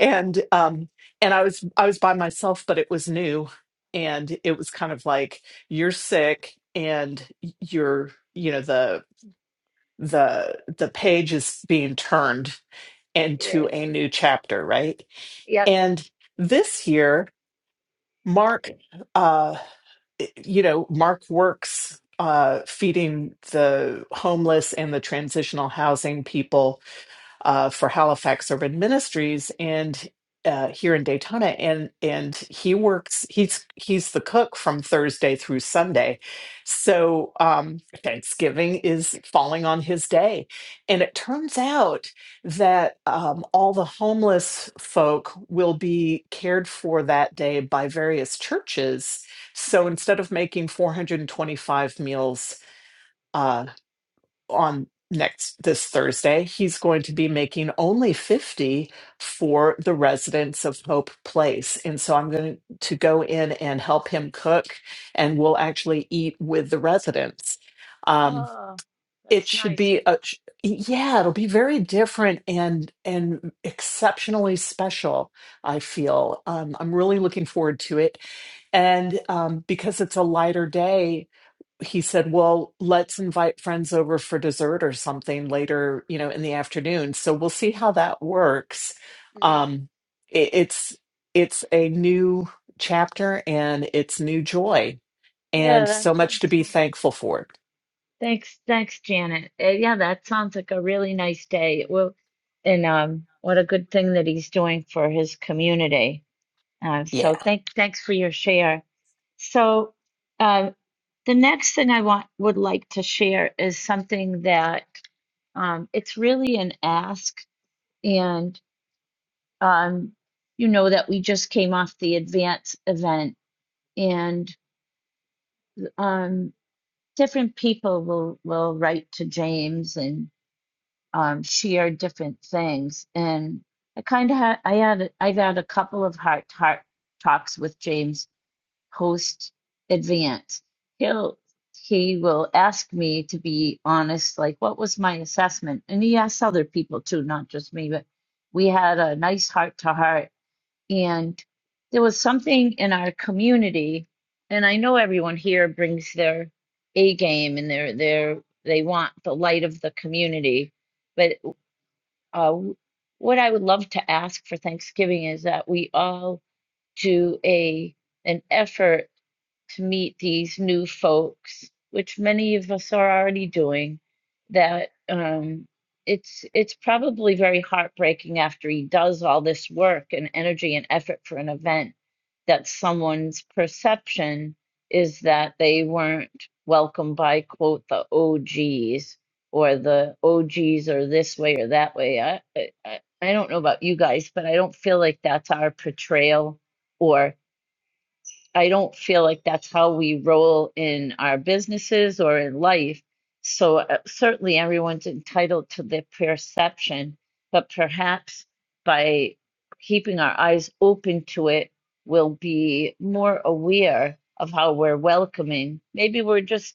S18: and um and I was I was by myself, but it was new. And it was kind of like you're sick and you're, you know, the the the page is being turned into
S1: Yeah.
S18: a new chapter, right?
S1: Yep.
S18: And this year, Mark uh. eh, you know, Mark works uh, feeding the homeless and the transitional housing people uh, for Halifax Urban Ministries and uh, here in Daytona, and and he works. He's he's the cook from Thursday through Sunday, so um, Thanksgiving is falling on his day, and it turns out that um, all the homeless folk will be cared for that day by various churches. So
S1: Mhm.
S18: instead of making 425 meals. Uh, on next this Thursday, he's going to be making only 50 for the residents of Hope Place. And so I'm going to go in and help him cook and we'll actually eat with the residents. Um,
S1: Oh,
S18: it
S1: that's
S18: should
S1: nice.
S18: be a sh- yeah, it'll be very different and and exceptionally special, I feel. Um, I'm really looking forward to it. And um, because it's a lighter day, he said, Well, let's invite friends over for dessert or something later, you know, in the afternoon. So we'll see how that works.
S1: Mhm.
S18: Um, it, it's it's a new chapter and it's new joy
S1: Yeah,
S18: and
S1: that
S18: so much to
S1: sounds
S18: be
S1: fun.
S18: thankful for.
S1: Thanks, thanks, Janet. Uh, yeah, that sounds like a really nice day. Well, and um, what a good thing that he's doing for his community. Uh,
S18: Yeah.
S1: so thank, thanks for your share. So uh, the next thing I want would like to share is something that um, it's really an ask, and um, you know that we just came off the advance event, and um, different people will will write to James and um, share different things, and I kind of ha- I had I've had a couple of heart to heart talks with James host advance. He'll he will ask me to be honest, like what was my assessment? And he asks other people too, not just me, but we had a nice heart to heart and there was something in our community, and I know everyone here brings their A game and their their they want the light of the community. But uh, what I would love to ask for Thanksgiving is that we all do a an effort to meet these new folks, which many of us are already doing, that um, it's it's probably very heartbreaking after he does all this work and energy and effort for an event that someone's perception is that they weren't welcomed by quote the OGs or the OGs are this way or that way. I I, I I don't know about you guys, but I don't feel like that's our portrayal or I don't feel like that's how we roll in our businesses or in life. So uh, certainly everyone's entitled to their perception, but perhaps by keeping our eyes open to it, we'll be more aware of how we're welcoming. Maybe we're just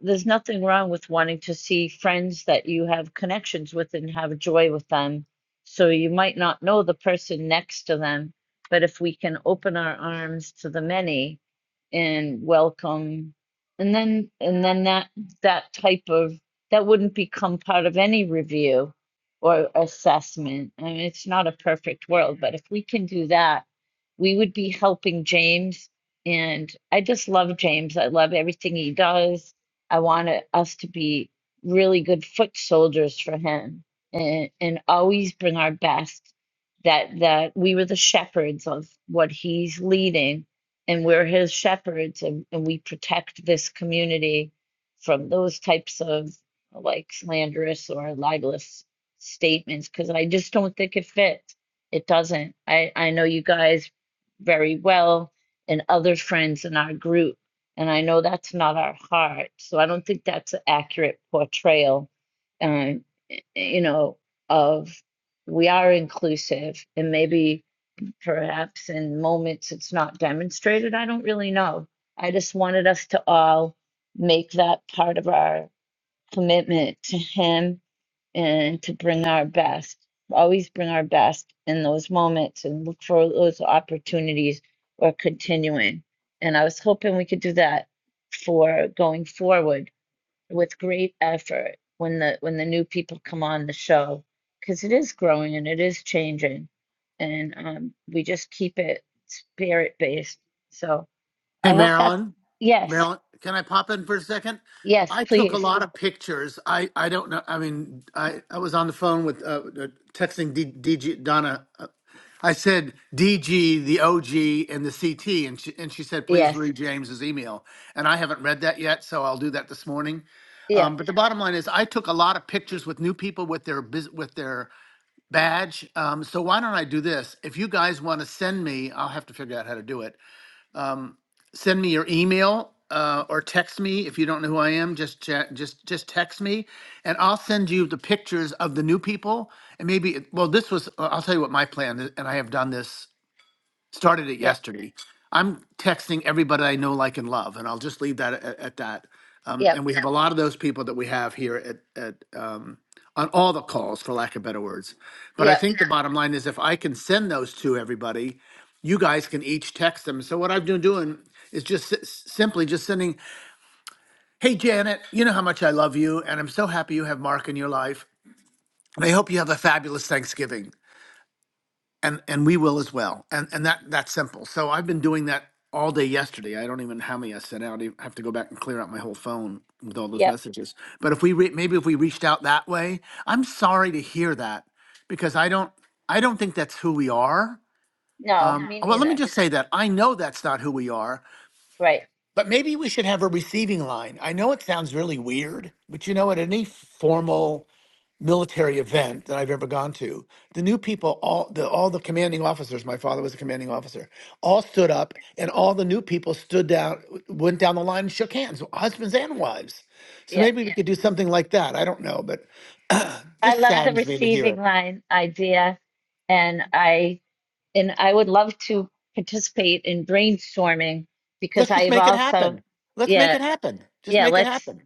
S1: there's nothing wrong with wanting to see friends that you have connections with and have joy with them. So you might not know the person next to them, but if we can open our arms to the many and welcome, and then and then that that type of that wouldn't become part of any review or assessment. I mean, it's not a perfect world, but if we can do that, we would be helping James. And I just love James. I love everything he does I want it- us to be really good foot soldiers for him and, and always bring our best that that we were the shepherds of what he's leading and we're his shepherds and, and we protect this community from those types of like slanderous or libelous statements because I just don't think it fits. It doesn't. I, I know you guys very well and other friends in our group and I know that's not our heart. So I don't think that's an accurate portrayal, um, you know, of we are inclusive and maybe perhaps in moments it's not demonstrated. I don't really know. I just wanted us to all make that part of our commitment to Him and to bring our best. Always bring our best in those moments and look for those opportunities or continuing. And I was hoping we could do that for going forward with great effort when the when the new people come on the show because it is growing and it is changing and um, we just keep it spirit based. So
S10: Hey,
S1: I hope that's
S10: Marilyn.
S1: yes,
S10: Marilyn, can I pop in for a second?
S1: yes,
S10: I took a
S1: please,
S10: lot of pictures. I, I don't know. I mean, I, I was on the phone with uh, uh, texting D, DG Donna. Uh, I said DG, the OG, and the CT, and she, and she said, please
S1: yes,
S10: read James's email. And I haven't read that yet, so I'll do that this morning. Um,
S1: yep,
S10: but the bottom line is, I took a lot of pictures with new people with their bus- with their badge. Um, so why don't I do this? If you guys want to send me, I'll have to figure out how to do it send me your email uh, or text me if you don't know who I am. Just cha- just just text me, and I'll send you the pictures of the new people. And maybe well, this was uh, I'll tell you what my plan is, and I have done this started it
S1: yep,
S10: yesterday. I'm texting everybody I know, like, and love, and I'll just leave that at, at that. Um,
S1: yep,
S10: and we have a lot of those people that we have here at, at um, on all the calls, for lack of better words. But I
S1: yep,
S10: think the bottom line is if I can send those to everybody, you guys can each text them. So what I've been doing is just si-, s- simply just sending, "Hey Janet, you know how much I love you, and I'm so happy you have Mark in your life, and I hope you have a fabulous Thanksgiving." and and we will as well and and that that's simple so i've been doing that all day yesterday i don't even know how many i sent out i have to go back and clear out my whole phone with all those
S1: yep.
S10: messages but if we re- maybe if we reached out that way i'm sorry to hear that because i don't i don't think that's who we are
S1: No,
S10: um,
S1: me
S10: well let me
S1: neither.
S10: just say that i know that's not who we are
S1: Right.
S10: but maybe we should have a receiving line i know it sounds really weird but you know at any formal military event that I've ever gone to, the new people, all the all the commanding officers, my father was a commanding officer, all stood
S1: Yeah.
S10: up, and all the new people stood down, went down the line and shook hands, husbands and wives. So
S1: Yeah.
S10: maybe we could do something like that. I don't know, but
S1: I
S10: this
S1: love the
S10: saddens me to hear
S1: receiving
S10: it.
S1: line idea and I and I would love to participate in brainstorming because
S10: Let's just
S1: I've
S10: make it
S1: also
S10: happen. Let's make
S1: yeah,
S10: it happen. Just
S1: yeah,
S10: make it
S1: let's
S10: happen.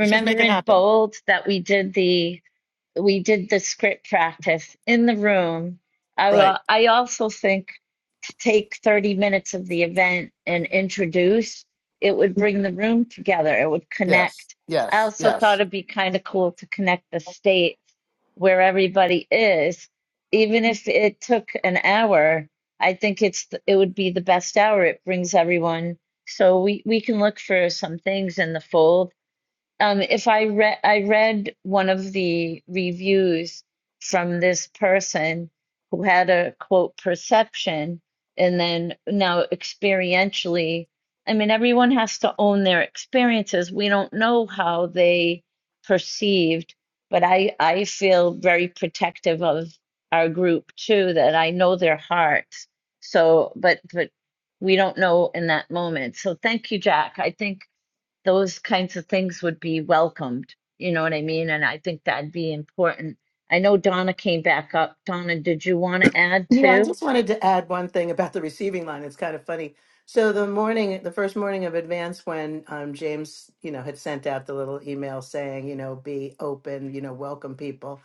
S10: Let's just make it
S1: in
S10: happen.
S1: bold that we did the we did the script practice in the room. I
S10: Right.
S1: will, I also think to take 30 minutes of the event and introduce, it would bring the room together. It would
S10: Yes.
S1: connect. I
S10: Yes.
S1: also thought
S10: Yes.
S1: it'd be kind of cool to connect the states where everybody is. Even if it took an hour, I think it's th- it would be the best hour. It brings everyone. So we, we can look for some things in the fold um, if I read I read one of the reviews from this person who had a quote perception and then now experientially I mean everyone has to own their experiences. We don't know how they perceived, but I I feel very protective of our group too that I know their hearts. So but but we don't know in that moment. So thank you, Jack. I think those kinds of things would be welcomed. You know what I mean? And I think that'd be important. I know Donna came back up. Donna, did you want to add
S17: Yeah, I
S1: to
S17: just wanted to add one thing about the receiving line. It's kind of funny. So the morning, the first morning of advance, when um, James, you know, had sent out the little email saying, you know, be open, you know, welcome people.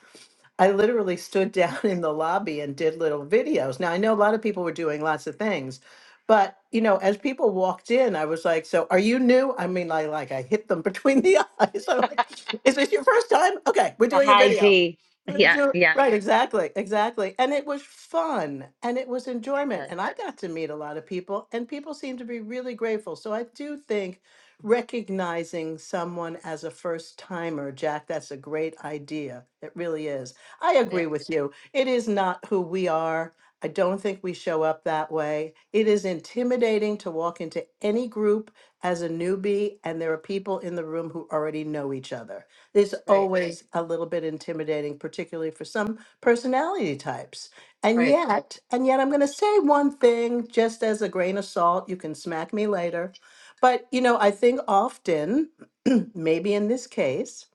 S17: I literally stood down in the lobby and did little videos. Now, I know a lot of people were doing lots of things, but you know, as people walked in, I was like, "So, are you new?" I mean, like, like I hit them between the eyes. I'm like, "Is this your first time?" Okay, we're
S1: the
S17: doing a
S1: high
S17: video.
S1: D?
S17: We'll
S1: Yeah,
S17: do-
S1: yeah,
S17: Right, exactly, exactly. And it was fun and it was enjoyment.
S1: Yes.
S17: And I got to meet a lot of people, and people seem to be really grateful. So I do think recognizing someone as a first timer, Jack, that's a great idea. It really is. I
S1: Yeah.
S17: agree with you. It is not who we are. I don't think we show up that way. It is intimidating to walk into any group as a newbie, and there are people in the room who already know each other. It's Right.
S1: Right.
S17: always a little bit intimidating, particularly for some personality types. And
S1: Right.
S17: yet, and yet, I'm going to say one thing just as a grain of salt. You can smack me later. But, you know, I think often, maybe in this case,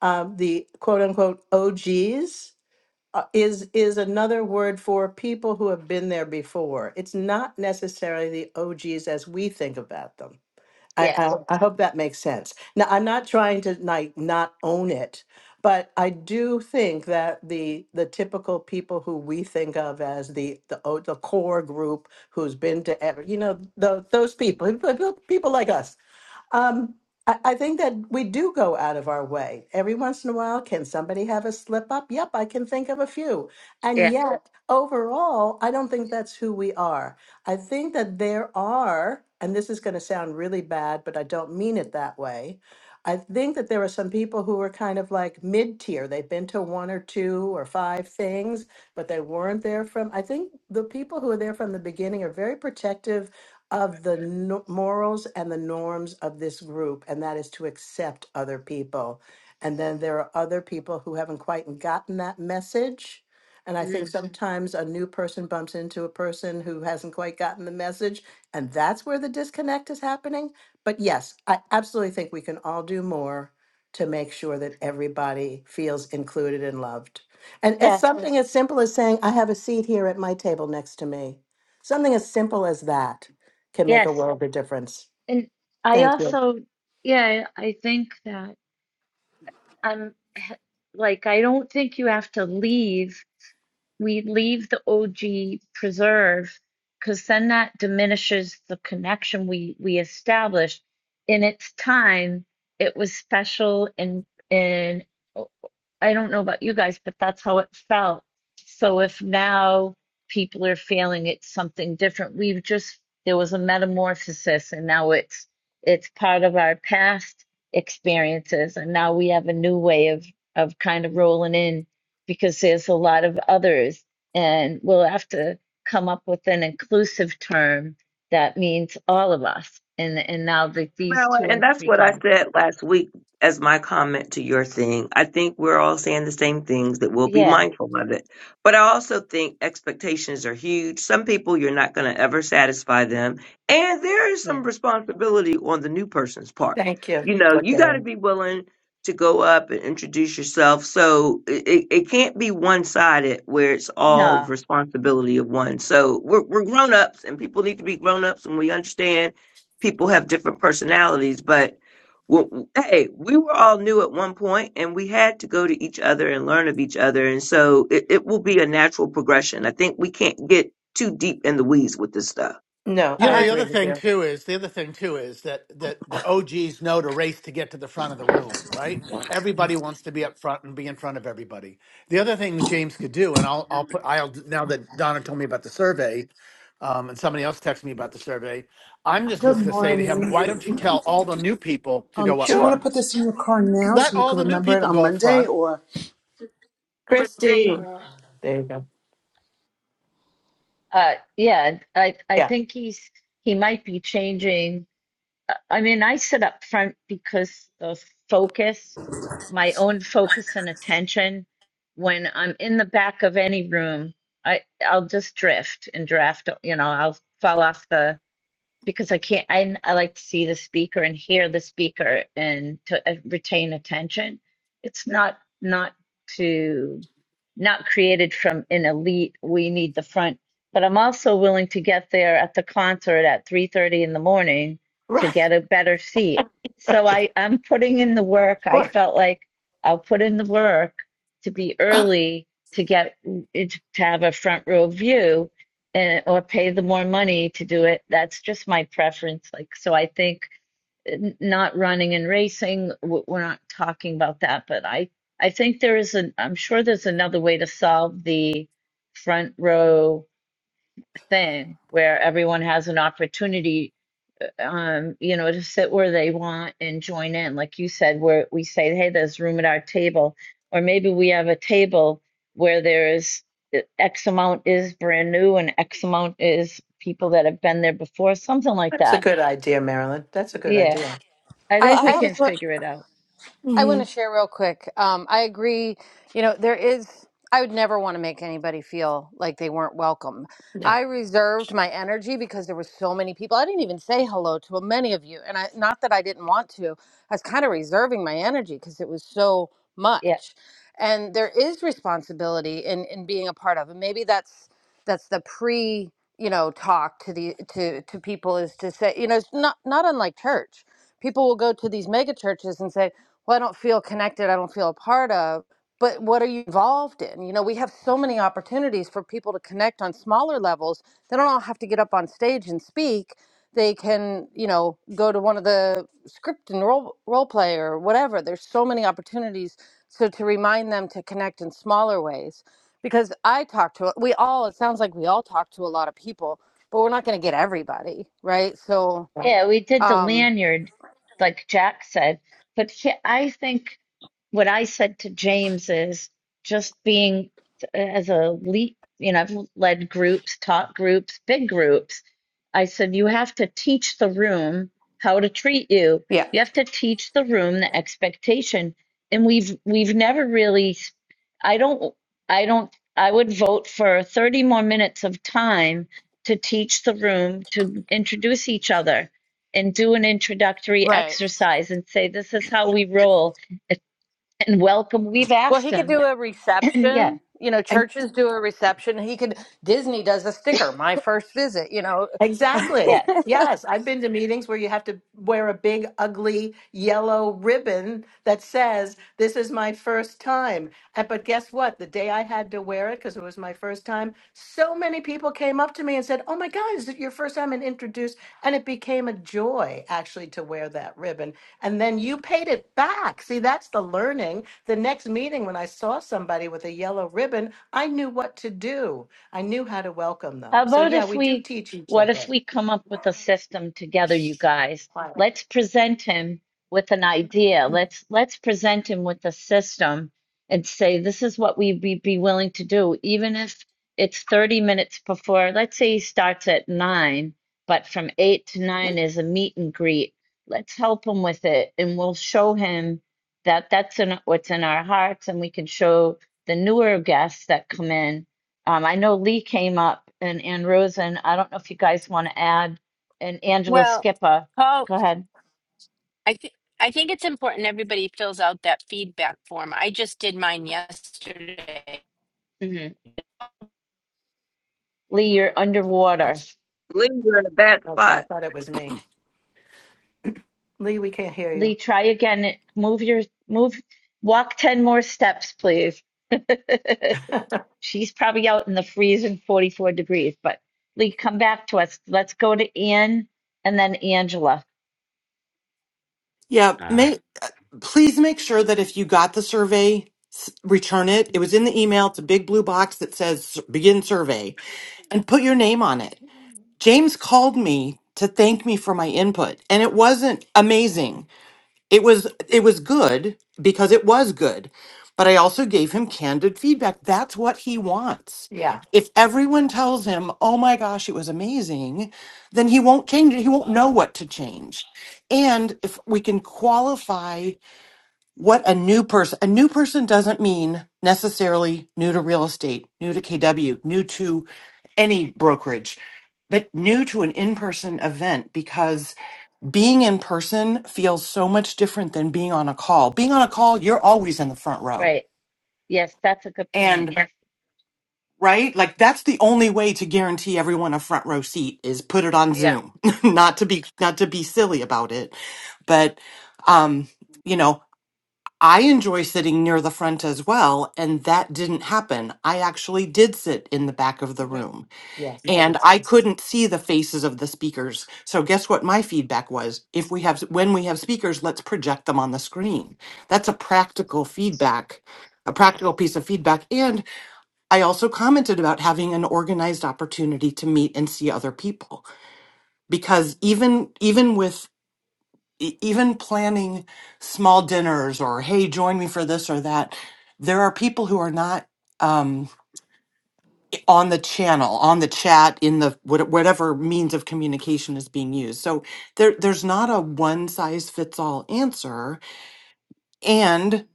S17: uh, the quote unquote OGs uh, is is another word for people who have been there before. It's not necessarily the OGs as we think about them. I,
S1: Yes.
S17: I, I hope that makes sense. Now, I'm not trying to like not own it, but I do think that the the typical people who we think of as the the o- the core group who's been to ever, you know, tho- those people, people people like us, um, I, I think that we do go out of our way. Every once in a while, can somebody have a slip up? Yep, I can think of a few. And
S1: Yeah.
S17: yet, Sure. overall, I don't think that's who we are. I think that there are, and this is going to sound really bad, but I don't mean it that way. I think that there are some people who are kind of like mid tier. They've been to one or two or five things, but they weren't there from. I think the people who are there from the beginning are very protective of the no- morals and the norms of this group, and that is to accept other people. And then there are other people who haven't quite gotten that message. And I think Mhm.
S1: Mm.
S17: sometimes a new person bumps into a person who hasn't quite gotten the message, and that's where the disconnect is happening. But yes, I absolutely think we can all do more to make sure that everybody feels included and loved. And as
S1: yes,
S17: something as simple as saying, I have a seat here at my table next to me, something as simple as that can make a
S1: yes.
S17: world of difference.
S1: And I
S17: Thank you.
S1: also, yeah, I think that I'm like, I don't think you have to leave we leave the OG preserve because then that diminishes the connection we we established. In its time, it was special and and I don't know about you guys, but that's how it felt. So if now people are feeling it's something different, we've just there was a metamorphosis and now it's it's part of our past experiences and now we have a new way of of kind of rolling in because there's a lot of others and we'll have to come up with an inclusive term that means all of us and and now that these two
S9: Marilyn, and
S1: and
S9: that's
S1: three
S9: what I
S1: times
S9: said last week as my comment to your thing. I think we're all saying the same things that we'll be
S1: yeah
S9: mindful of it. But I also think expectations are huge. Some people you're not going to ever satisfy them. And there is
S1: yeah
S9: some responsibility on the new person's part.
S17: Thank you,
S9: You know, you got to
S17: Lakara.
S9: be willing to go up and introduce yourself. So it, it it can't be one sided where it's all the
S1: no
S9: responsibility of one. So we're, we're grown ups and people need to be grown ups and we understand people have different personalities, but w- hey, we were all new at one point and we had to go to each other and learn of each other. And so it, it will be a natural progression. I think we can't get too deep in the weeds with this stuff.
S17: No,
S10: You
S17: I
S10: know, the
S1: 100%.
S10: other
S17: agree with
S10: thing
S17: you.
S10: too is the other thing too is that that the OGs know to race to get to the front of the room, right? Everybody wants to be up front and be in front of everybody. The other thing James could do, and I'll I'll put I'll now that Donna told me about the survey, um, and somebody else texted me about the survey. I'm just
S19: Good
S10: just gonna say to him, why don't you
S19: morning.
S10: tell all the new people to
S19: Um,
S10: go up
S19: do you want to
S10: front?
S17: Sure.
S19: put this in your car now
S10: Let
S19: so you
S10: all
S19: can
S10: the new
S19: remember it
S10: people
S19: on
S10: go up
S19: Monday?
S10: front
S19: Or
S17: Christy.
S9: Christine,
S17: There you go.
S1: Uh, yeah, I, I
S17: Yeah.
S1: think he's, he might be changing. I mean, I sit up front because the focus, my own focus and attention, when I'm in the back of any room, I, I'll just drift and draft, you know, I'll fall off the because I can't, I, I like to see the speaker and hear the speaker and to uh, retain attention. It's not, not to, not created from an elite, we need the front, but I'm also willing to get there at the concert at 3:30 in the morning to
S17: Right.
S1: get a better seat. So I, I'm putting in the work. I
S17: Sure.
S1: felt like I'll put in the work to be early to get, to have a front row view and or pay the more money to do it. That's just my preference. Like, so I think uh, n- not running and racing, w- we're not talking about that, but I I think there is an I'm sure there's another way to solve the front row thing where everyone has an opportunity um, you know, to sit where they want and join in. Like you said, where we say, hey, there's room at our table. Or maybe we have a table where there is uh, X amount is brand new and X amount is people that have been there before, something like
S17: That's a
S1: that.
S17: good idea, Marilyn. That's a good
S1: Yeah,
S17: idea.
S1: I
S12: Well,
S7: I
S1: think
S12: I
S1: we
S7: I
S1: can
S7: just want.
S1: figure it out.
S7: I want
S12: hmm
S7: to share real quick. Um, I agree. You know, there is, I would never want to make anybody feel like they weren't welcome.
S17: No.
S7: I reserved my energy because there were so many people. I didn't even say hello to many of you. And I, not that I didn't want to, I was kind of reserving my energy because it was so
S1: Yeah.
S7: much. And there is responsibility in, in being a part of, and maybe that's, that's the pre, you know, talk to the, to, to people is to say, you know, it's not, not unlike church people will go to these mega churches and say, well, I don't feel connected, I don't feel a part of. But what are you involved in? You know, we have so many opportunities for people to connect on smaller levels. They don't all have to get up on stage and speak. They can, you know, go to one of the script and role, role play or whatever. There's so many opportunities. So to remind them to connect in smaller ways, because I talk to, we all, it sounds like we all talk to a lot of people, but we're not going to get everybody, right? So,
S1: Yeah,
S17: Right.
S1: we did the
S7: um,
S1: lanyard, like Jack said. But he, I think what I said to James is just being uh, as a lead, you know, I've led groups, taught groups, big groups. I said, you have to teach the room how to treat you.
S7: Yeah.
S1: You have to teach the room the expectation. And we've, we've never really, I don't, I don't, I would vote for 30 more minutes of time to teach the room to introduce each other and do an introductory
S7: Right.
S1: exercise and say, this is how we roll and welcome. We've
S7: Well,
S1: asked
S7: he could
S1: him.
S7: do a
S1: yeah,
S7: reception. You know, churches do a reception. He could Disney does a sticker, my first visit, you know.
S17: Exactly.
S1: yes.
S17: Yes, I've been to meetings where you have to wear a big, ugly yellow ribbon that says, This is my first time. And, but guess what? The day I had to wear it, because it was my first time, so many people came up to me and said, Oh my God, is it your first time? And introduced. And it became a joy actually to wear that ribbon. And then you paid it back. See, that's the learning. The next meeting, when I saw somebody with a yellow ribbon, I knew what to do I knew how to welcome
S1: How
S17: them. So
S1: about
S17: yeah,
S1: if
S17: we do
S1: we,
S17: teach each
S1: what
S17: other.
S1: if we come up with a system together, you guys?
S17: Quiet.
S1: Let's present him with an idea. Let's let's present him with a system and say this is what we'd be, be willing to do, even if it's 30 minutes before. Let's say he starts at nine, but from eight to
S17: Yep.
S1: nine is a meet and greet. Let's help him with it, and we'll show him that that's in, what's in our hearts, and we can show the newer guests that come in um, I know Lee came up and Ann Rosen. I don't know if you guys want to add and Angela
S20: Well,
S1: Skippa.
S20: Paul,
S1: Go ahead.
S20: I think I think it's important everybody fills out that feedback form. I just did mine yesterday.
S1: hmm Lee, you're underwater.
S9: Lee, we're in a bad
S17: Okay, I
S9: spot.
S17: thought it was me. Lee, we can't hear
S1: Lee,
S17: you.
S1: try again. Move your move. Walk 10 more steps, please. She's probably out in the freezing 44 degrees, but Lee, come back to us. Let's go to Ann and then Angela.
S21: Yeah,
S20: Uh,
S21: make, please make sure that if you got the survey, s- return it. It was in the email. It's a big blue box that says begin survey and put your name on it. James called me to thank me for my input and it wasn't amazing. It was it was good because it was good. But I also gave him candid feedback. That's what he wants.
S17: Yeah.
S21: If everyone tells him, "Oh my gosh, it was amazing," then he won't change it. He won't know what to change. And if we can qualify what a new person a new person doesn't mean necessarily new to real estate new to kw new to any brokerage but new to an in-person event because being in person feels so much different than being on a call being on a call you're always in the front row
S1: Right. Yes, that's a good point.
S21: and Yeah. right like that's the only way to guarantee everyone a front row seat is put it on
S1: Yeah.
S21: zoom not to be not to be silly about it but um you know I enjoy sitting near the front as well, and that didn't happen. I actually did sit in the back of the
S1: hmm
S21: room,
S17: Yes, I do.
S21: and I couldn't see the faces of the speakers. So guess what my feedback was? If we have when we have speakers, let's project them on the screen. That's a practical feedback, a practical piece of feedback. And I also commented about having an organized opportunity to meet and see other people because even even with e- even planning small dinners or hey join me for this or that there are people who are not um, on the channel on the chat in the what- whatever means of communication is being used so there there's not a one size fits all answer and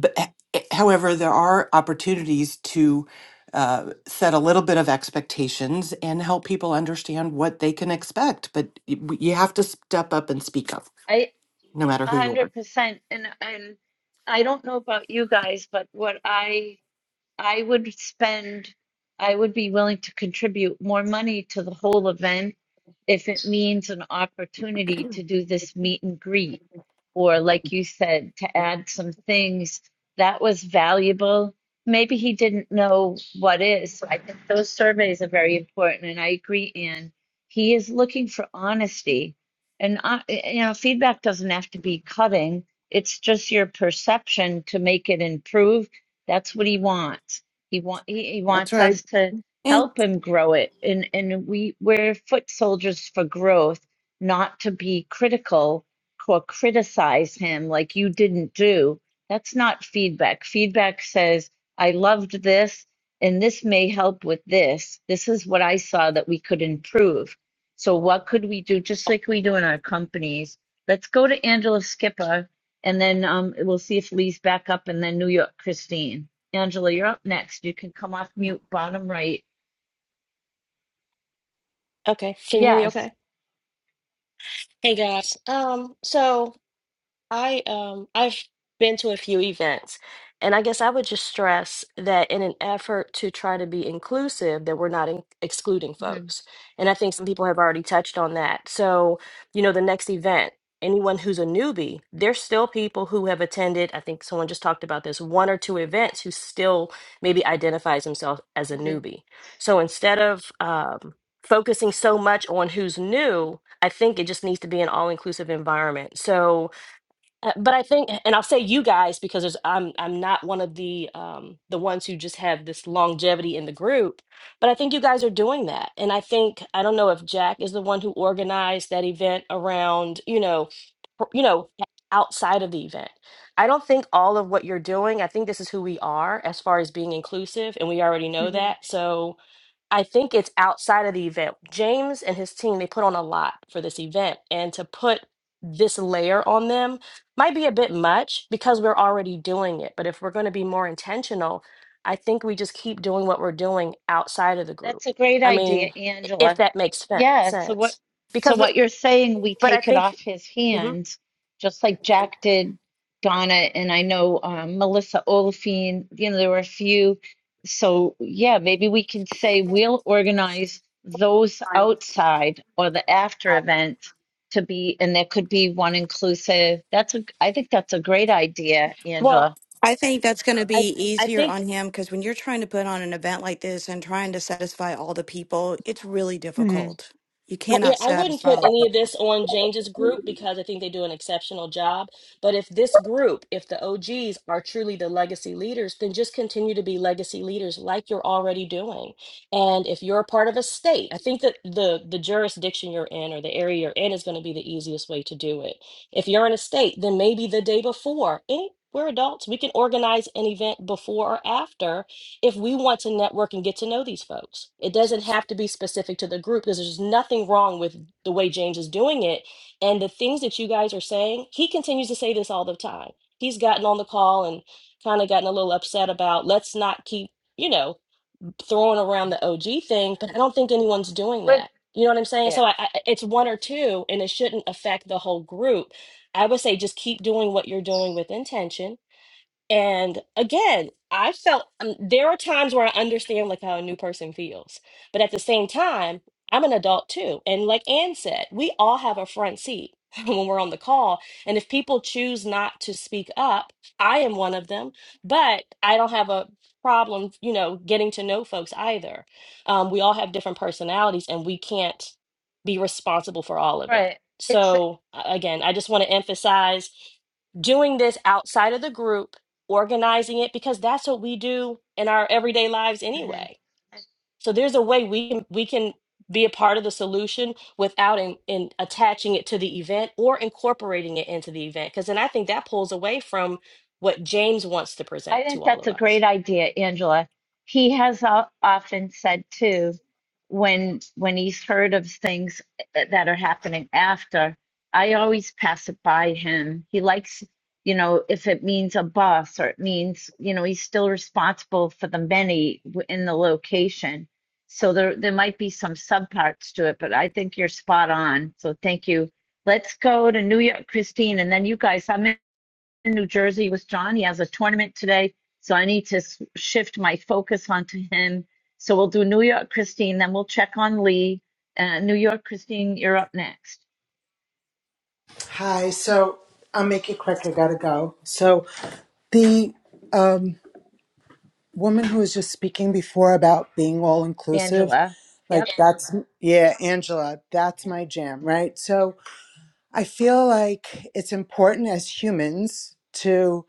S21: b- h- however there are opportunities to uh, set a little bit of expectations and help people understand what they can expect but y- you have to step up and speak up
S1: I
S21: no matter
S1: A
S21: who you are
S1: hundred percent. And and I don't know about you guys, but what I I would spend, I would be willing to contribute more money to the whole event if it means an opportunity to do this meet and greet. Or like you said, to add some things that was valuable. Maybe he didn't know what is. So I think those surveys are very important, and I agree, Anne. He is looking for honesty. And, uh, you know, feedback doesn't have to be cutting. It's just your perception to make it improve that's what he wants. He want he, he
S21: That's
S1: wants
S21: right.
S1: us to
S12: And
S1: help him grow it, and and we we're foot soldiers for growth, not to be critical or criticize him like you didn't do. That's not feedback. Feedback says I loved this, and this may help with this. This is what I saw that we could improve. So what could we do? Just like we do in our companies. Let's go to Angela Skipper and then um, we'll see if Lee's back up and then New York Christine. Angela, you're up next. You can come off mute, bottom right.
S22: Okay, can you hear me
S1: Yes.
S22: okay? Hey guys. Um, so I um I've been to a few events, and I guess I would just stress that in an effort to try to be inclusive, that we're not in excluding folks. And I think some people have already touched on that. So, you know, the next event, anyone who's a newbie, there's still people who have attended, I think someone just talked about this, one or two events who still maybe identifies himself as a
S1: Mhm.
S22: newbie. So instead of um focusing so much on who's new, I think it just needs to be an all-inclusive environment. So uh, but I think, and I'll say you guys because there's, I'm I'm not one of the um, the ones who just have this longevity in the group, but I think you guys are doing that, and I think I don't know if Jack is the one who organized that event around you know, or- you know, outside of the event. I don't think all of what you're doing. I think this is who we are as far as being inclusive, and we already know that. So I think it's outside of the event. James and his team they put on a lot for this event, and to put this layer on them might be a bit much because we're already doing it. But if we're going to be more intentional, I think we just keep doing what we're doing outside of the group.
S1: That's a great
S22: I
S1: idea,
S22: mean, i- if
S1: Angela.
S22: that makes fe-
S1: Yeah, so what
S22: sense,
S1: so
S22: because we're,
S1: what you're saying, we
S22: but I
S1: take it
S22: think,
S1: off his
S22: Mhm.
S1: hands, just like Jack did Donna and I know um, Melissa Oliphine, you know, there were a few. So yeah, maybe we can say we'll organize those outside or the after event to be, and there could be one inclusive. That's a, I think that's a great idea, Angela.
S22: well,
S12: I think that's going to
S22: I
S12: be
S22: I
S12: easier
S22: think
S12: on him because when you're trying to put on an event like this and trying to satisfy all the people, it's really
S1: hmm
S12: difficult. You
S22: Uh, Yeah,
S12: cannot
S22: I wouldn't
S12: satisfy
S22: put
S12: all the
S22: any of
S12: people.
S22: this on James's group because I think they do an exceptional job. But if this group, if the OGs are truly the legacy leaders, then just continue to be legacy leaders like you're already doing. And if you're a part of a state, I think that the the jurisdiction you're in or the area you're in is going to be the easiest way to do it. If you're in a state, then maybe the day before. Any, we're adults. We can organize an event before or after if we want to network and get to know these folks. It doesn't have to be specific to the group because there's nothing wrong with the way James is doing it. And the things that you guys are saying, he continues to say this all the time. He's gotten on the call and kind of gotten a little upset about let's not keep, you know, throwing around the OG thing, but I don't think anyone's doing
S1: With,
S22: that. You know what I'm saying? So
S1: yeah,
S22: I, I, it's one or two, and it shouldn't affect the whole group. I would say just keep doing what you're doing with intention and again, I felt um, there are times where I understand like how a new person feels, but at the same time, I'm an adult too. And like Ann said, we all have a front seat when we're on the call. And if people choose not to speak up, I am one of them, but I don't have a problem, you know, getting to know folks either. Um, we all have different personalities and we can't be responsible for all of it.
S1: right. It's,
S22: So a- again, I just want to emphasize doing this outside of the group organizing it because that's what we do in our everyday lives anyway.
S1: Mhm.
S22: So there's a way we can we can be a part of the solution without in, in attaching it to the event or incorporating it into the event because then I think that pulls away from what James wants to
S1: I
S22: present to
S1: think
S22: all
S1: that's
S22: of
S1: a
S22: us.
S1: great idea, Angela. He has o- often said too, when when he's heard of things eh, that are happening after, I always pass it by him. He likes, you know, if it means a bus or it means, you know, he's still responsible for the many w- in the location. So there there might be some subparts to it, but I think you're spot on. So thank you. Let's go to New York, Christine, and then you guys. I'm in in New Jersey with John. He has a tournament today, so I need to shift my focus onto him. So we'll do New York Christine, then we'll check on Lee. Uh, New York Christine, you're up next.
S19: hi, so I'll make it quick. I gotta go. So the um, woman who was just speaking before about being all inclusive,
S1: Angela.
S19: like
S1: Yep.
S19: that's yeah, Angela, that's my jam, right? So I feel like it's important as humans to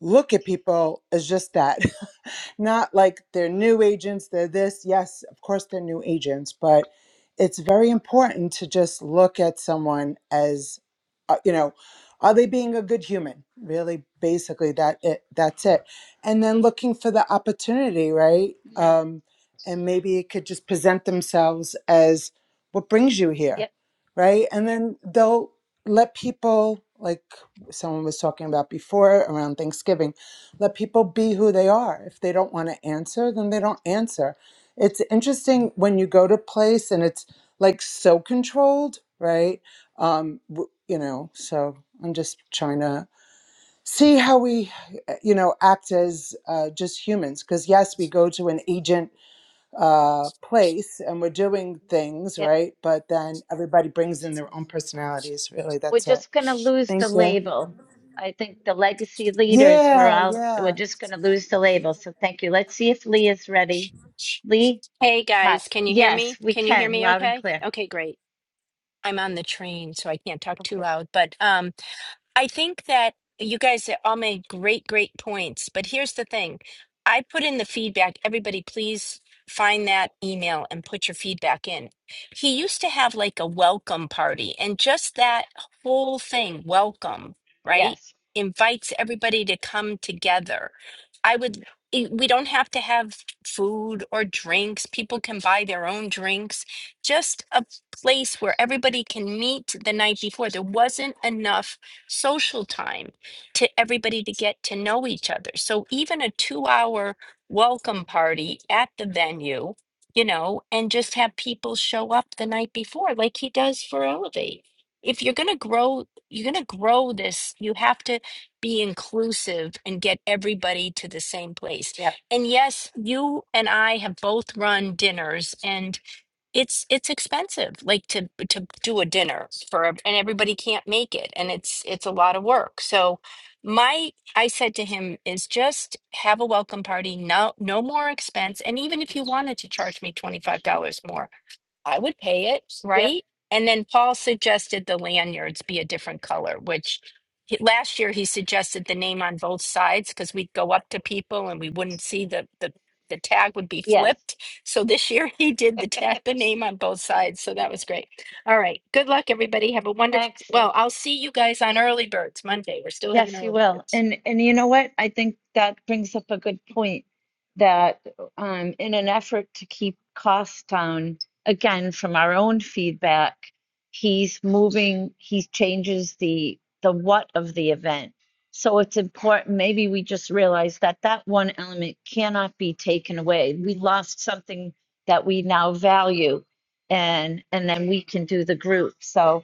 S19: look at people as just that. Not like they're new agents, they're this. Yes, of course they're new agents, but it's very important to just look at someone as, uh, you know, are they being a good human? Really, basically, that it, that's it. And then looking for the opportunity, right?
S1: Mhm.
S19: Um, and maybe it could just present themselves as what brings you here,
S1: Yep.
S19: right? And then they'll let people like someone was talking about before around Thanksgiving. Let people be who they are. If they don't want to answer, then they don't answer. It's interesting when you go to place and it's like so controlled, right? Um, w- you know, so I'm just trying to see how we, uh, you know, act as uh, just humans. Because yes, we go to an agent uh, place and we're doing things,
S1: Yep.
S19: right? But then everybody brings in their own personalities. Really,
S1: We're
S19: that's it.
S1: just gonna lose
S19: Thank
S1: the
S19: you.
S1: label. I think the legacy leaders. We're
S19: Yeah,
S1: all.
S19: yeah.
S1: We're just gonna lose the label. So thank you. Let's see if Lee is ready. Lee,
S20: Hey
S1: hi.
S20: guys, can you hear me?
S1: Yes, we
S20: Can you hear
S1: can.
S20: me
S1: Loud and
S20: okay?
S1: clear.
S20: Okay, great. I'm on the train, so I can't talk too
S1: Okay.
S20: loud, but um, I think that you guys all made great, great points. But here's the thing I put in the feedback. Everybody, please find that email and put your feedback in. He used to have like a welcome party, and just that whole thing, welcome, right?
S1: Yes.
S20: Invites everybody to come together. I would, it- we don't have to have food or drinks. People can buy their own drinks. Just a place where everybody can meet the night before. There wasn't enough social time to everybody to get to know each other. So even a two hour welcome party at the venue, you know, and just have people show up the night before, like he does for Elevate. If you're going to grow, you're going to grow this, you have to be inclusive and get everybody to the same place.
S1: Yep.
S20: And yes, you and I have both run dinners and it's it's expensive like to to do a dinner for ev- and everybody can't make it and it's it's a lot of work so my i said to him is just have a welcome party no no more expense and even if you wanted to charge me $25 more I would pay it,
S1: Yep.
S20: right? And then Paul suggested the lanyards be a different color, which he, last year he suggested the name on both sides because we'd go up to people and we wouldn't see the, the the tag would be
S1: Yes.
S20: flipped. So this year he did the tag, the name on both sides. So that was great. All right. Good luck, everybody. Have a wonderful.
S1: Thanks, Lee.
S20: Well, I'll see you guys on early birds Monday. We're still having
S1: Yes, you
S20: early
S1: will.
S20: birds.
S1: And and you know what? I think that brings up a good point that um, in an effort to keep costs down, again, from our own feedback, he's moving, he changes the the what of the event. So it's important, maybe we just realize that that one element cannot be taken away. We lost something that we now value and and then we can do the group. So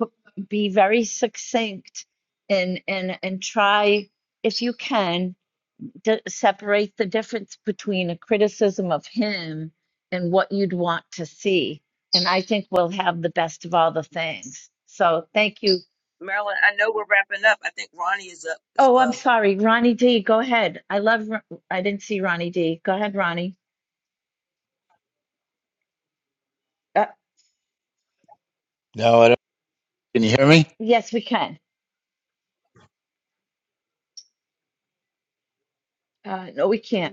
S1: p- be very succinct and and and try if you can d- separate the difference between a criticism of him and what you'd want to see and i think we'll have the best of all the things so thank you
S9: Marilyn, I know we're wrapping up. I think Ronnie is up as
S1: oh i'm
S9: well.
S1: sorry ronnie d go ahead i love Ro- i didn't see ronnie d go ahead ronnie uh,
S23: No, I don't. Can you hear me?
S1: yes we can uh, no we can't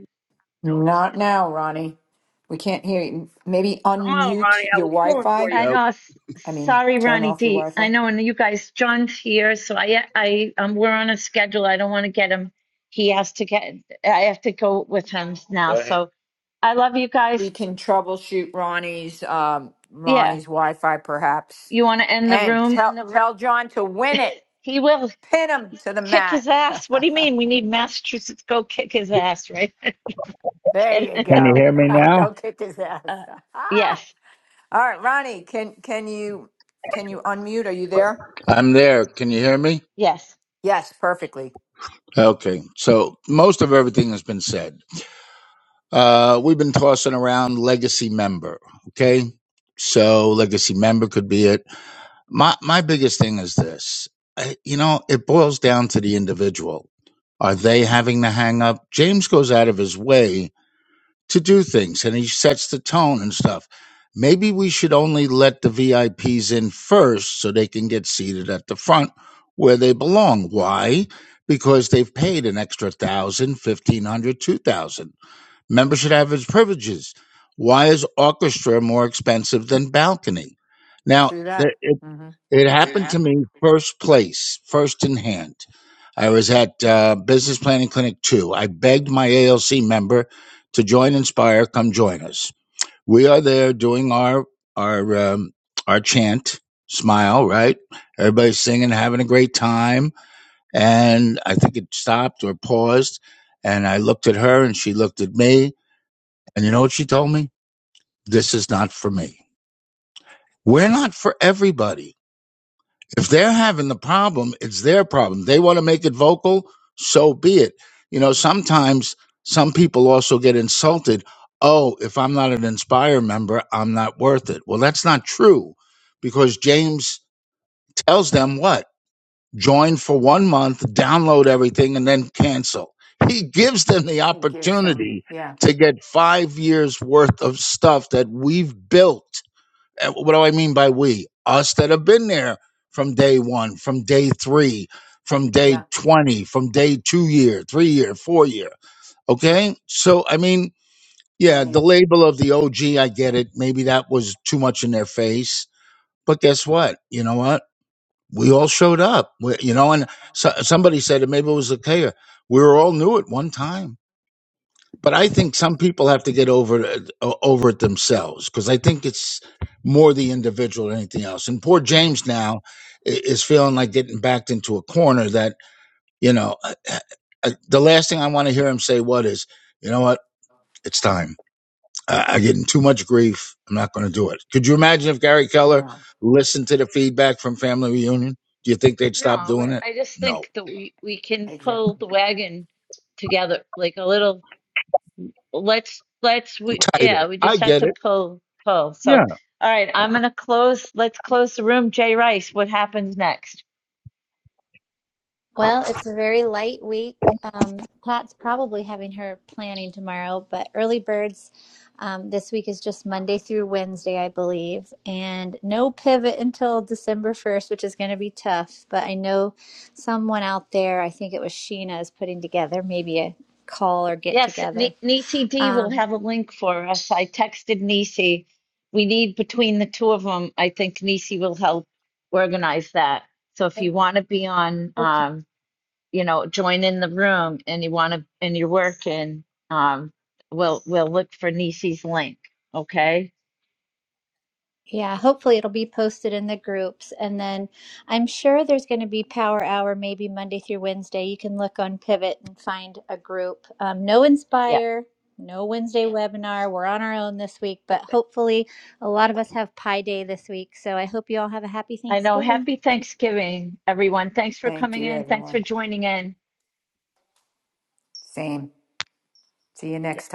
S3: Not now, Ronnie. We can't hear you. Maybe
S9: Come on,
S3: unmute
S9: Ronnie. I
S3: your
S9: was pulling for
S3: Wi-Fi.
S9: you.
S1: And
S23: Nope.
S1: uh, s-
S3: I mean,
S1: sorry,
S3: turn
S1: Ronnie
S3: off your
S1: D. I
S3: Wi-Fi.
S1: know, and you guys, John's here, so I, I, um, we're on a schedule. I don't want to get him. He has to get. I have to go with him now.
S23: Go ahead.
S1: So I love you guys.
S3: we can troubleshoot Ronnie's um,
S1: Yeah,
S3: Ronnie's Wi-Fi perhaps,
S1: you want to end the
S3: and
S1: room?
S3: tell And the tell John to win it,
S1: He will
S3: pin him to the
S1: kick his
S3: mat.
S1: ass. What do you mean? We need Massachusetts go kick his ass, right? I'm
S3: there you
S1: kidding.
S23: Can you
S3: go.
S23: hear me
S3: go
S23: now?
S3: kick his ass.
S1: uh, yes,
S3: All right, Ronnie, can can you can you unmute? Are you there?
S23: I'm there. Can you hear me?
S1: yes.
S3: Yes, perfectly.
S23: Okay. So most of everything has been said. Uh, we've been tossing around legacy member. Okay. So legacy member could be it. My, my biggest thing is this. I, you know, it boils down to the individual. Are they having the hang up? James goes out of his way to do things and he sets the tone and stuff. Maybe we should only let the VIPs in first so they can get seated at the front where they belong. Why? Because they've paid an extra thousand, fifteen hundred, two thousand. Members should have his privileges. Why is orchestra more expensive than balcony? Now,
S3: True
S23: there-
S3: that. hmm
S23: it happened to me first place, first in hand. I was at uh, Business Planning Clinic 2. I begged my ALC member to join Inspire, come join us. We are there doing our our um, our chant, smile, right? Everybody's singing, having a great time, and I think it stopped or paused, and I looked at her and she looked at me, and you know what she told me? This is not for me. We're not for everybody if they're having the problem, it's their problem. They want to make it vocal, so be it. You know,
S3: hmm
S23: sometimes some people also get insulted. Oh, if I'm not an Inspire member, I'm not worth it. Well, that's not true because James tells them what? Join for one month, download everything, and then cancel. He gives them the
S3: It gives them.
S23: opportunity
S3: Yeah.
S23: to get five years worth of stuff that we've built uh, What do I mean by we? Us that have been there from day one, from day three, from day
S3: Yeah.
S23: 20, from day two year, three year, four year. Okay. So, I mean, yeah, the
S3: Brilliant.
S23: label of the OG, I get it. Maybe that was too much in their face. But guess what? You know what? We all showed up. We, you know, and so, somebody said it, maybe it was Achaia. We were all new at one time but I
S3: hmm
S23: think some people have to get over it- o- over it themselves because I think it's more the individual than anything else. And poor James now i- is feeling like getting backed into a corner that you know. I, I- I- the last thing I want to hear him say what is, you know what, it's time. I, I getting too much grief. I'm not going to do it. Could you imagine if Gary Keller
S3: No,
S23: listened to the feedback from Family Reunion? Do you think they'd stop
S1: No,
S23: doing it?
S1: I just
S23: No,
S1: think that we we can pull
S3: exactly.
S1: the wagon together like a little let's let's we
S23: tighter.
S1: yeah we
S23: I
S1: just have
S23: get
S1: to
S23: it.
S1: pull pull
S23: Yeah.
S1: so all right i'm gonna close let's close the room jay rice what happens next
S4: Well, it's a very light week. Um, Pat's probably having her planning tomorrow, but early birds um, this week is just Monday through Wednesday, I believe, and no pivot until December 1st, which is going to be tough. But I know someone out there, I think it was Sheena, is putting together maybe a call or get
S1: yes N-
S4: together.
S1: nisi d will
S4: Um,
S1: have a link for us i texted nisi we need between the two of them i think nisi will help organize that so if you want to be on um you know join in the room and you want to and you're working um we'll we'll look for nisi's link okay
S4: Yeah, hopefully it'll be posted in the groups. And then I'm sure there's going to be Power Hour maybe Monday through Wednesday. You can look on Pivot and find a group. Um, no
S1: yeah.
S4: Inspire, no Wednesday webinar. We're on our own this week, but hopefully a lot of us have Pi Day this week. So I hope you all have a happy
S1: I know.
S4: Thanksgiving.
S1: Happy Thanksgiving, everyone. Thanks for
S3: Thank
S1: coming
S3: you,
S1: in. Thanks for
S3: everyone.
S1: joining in.
S3: Same. See you next time.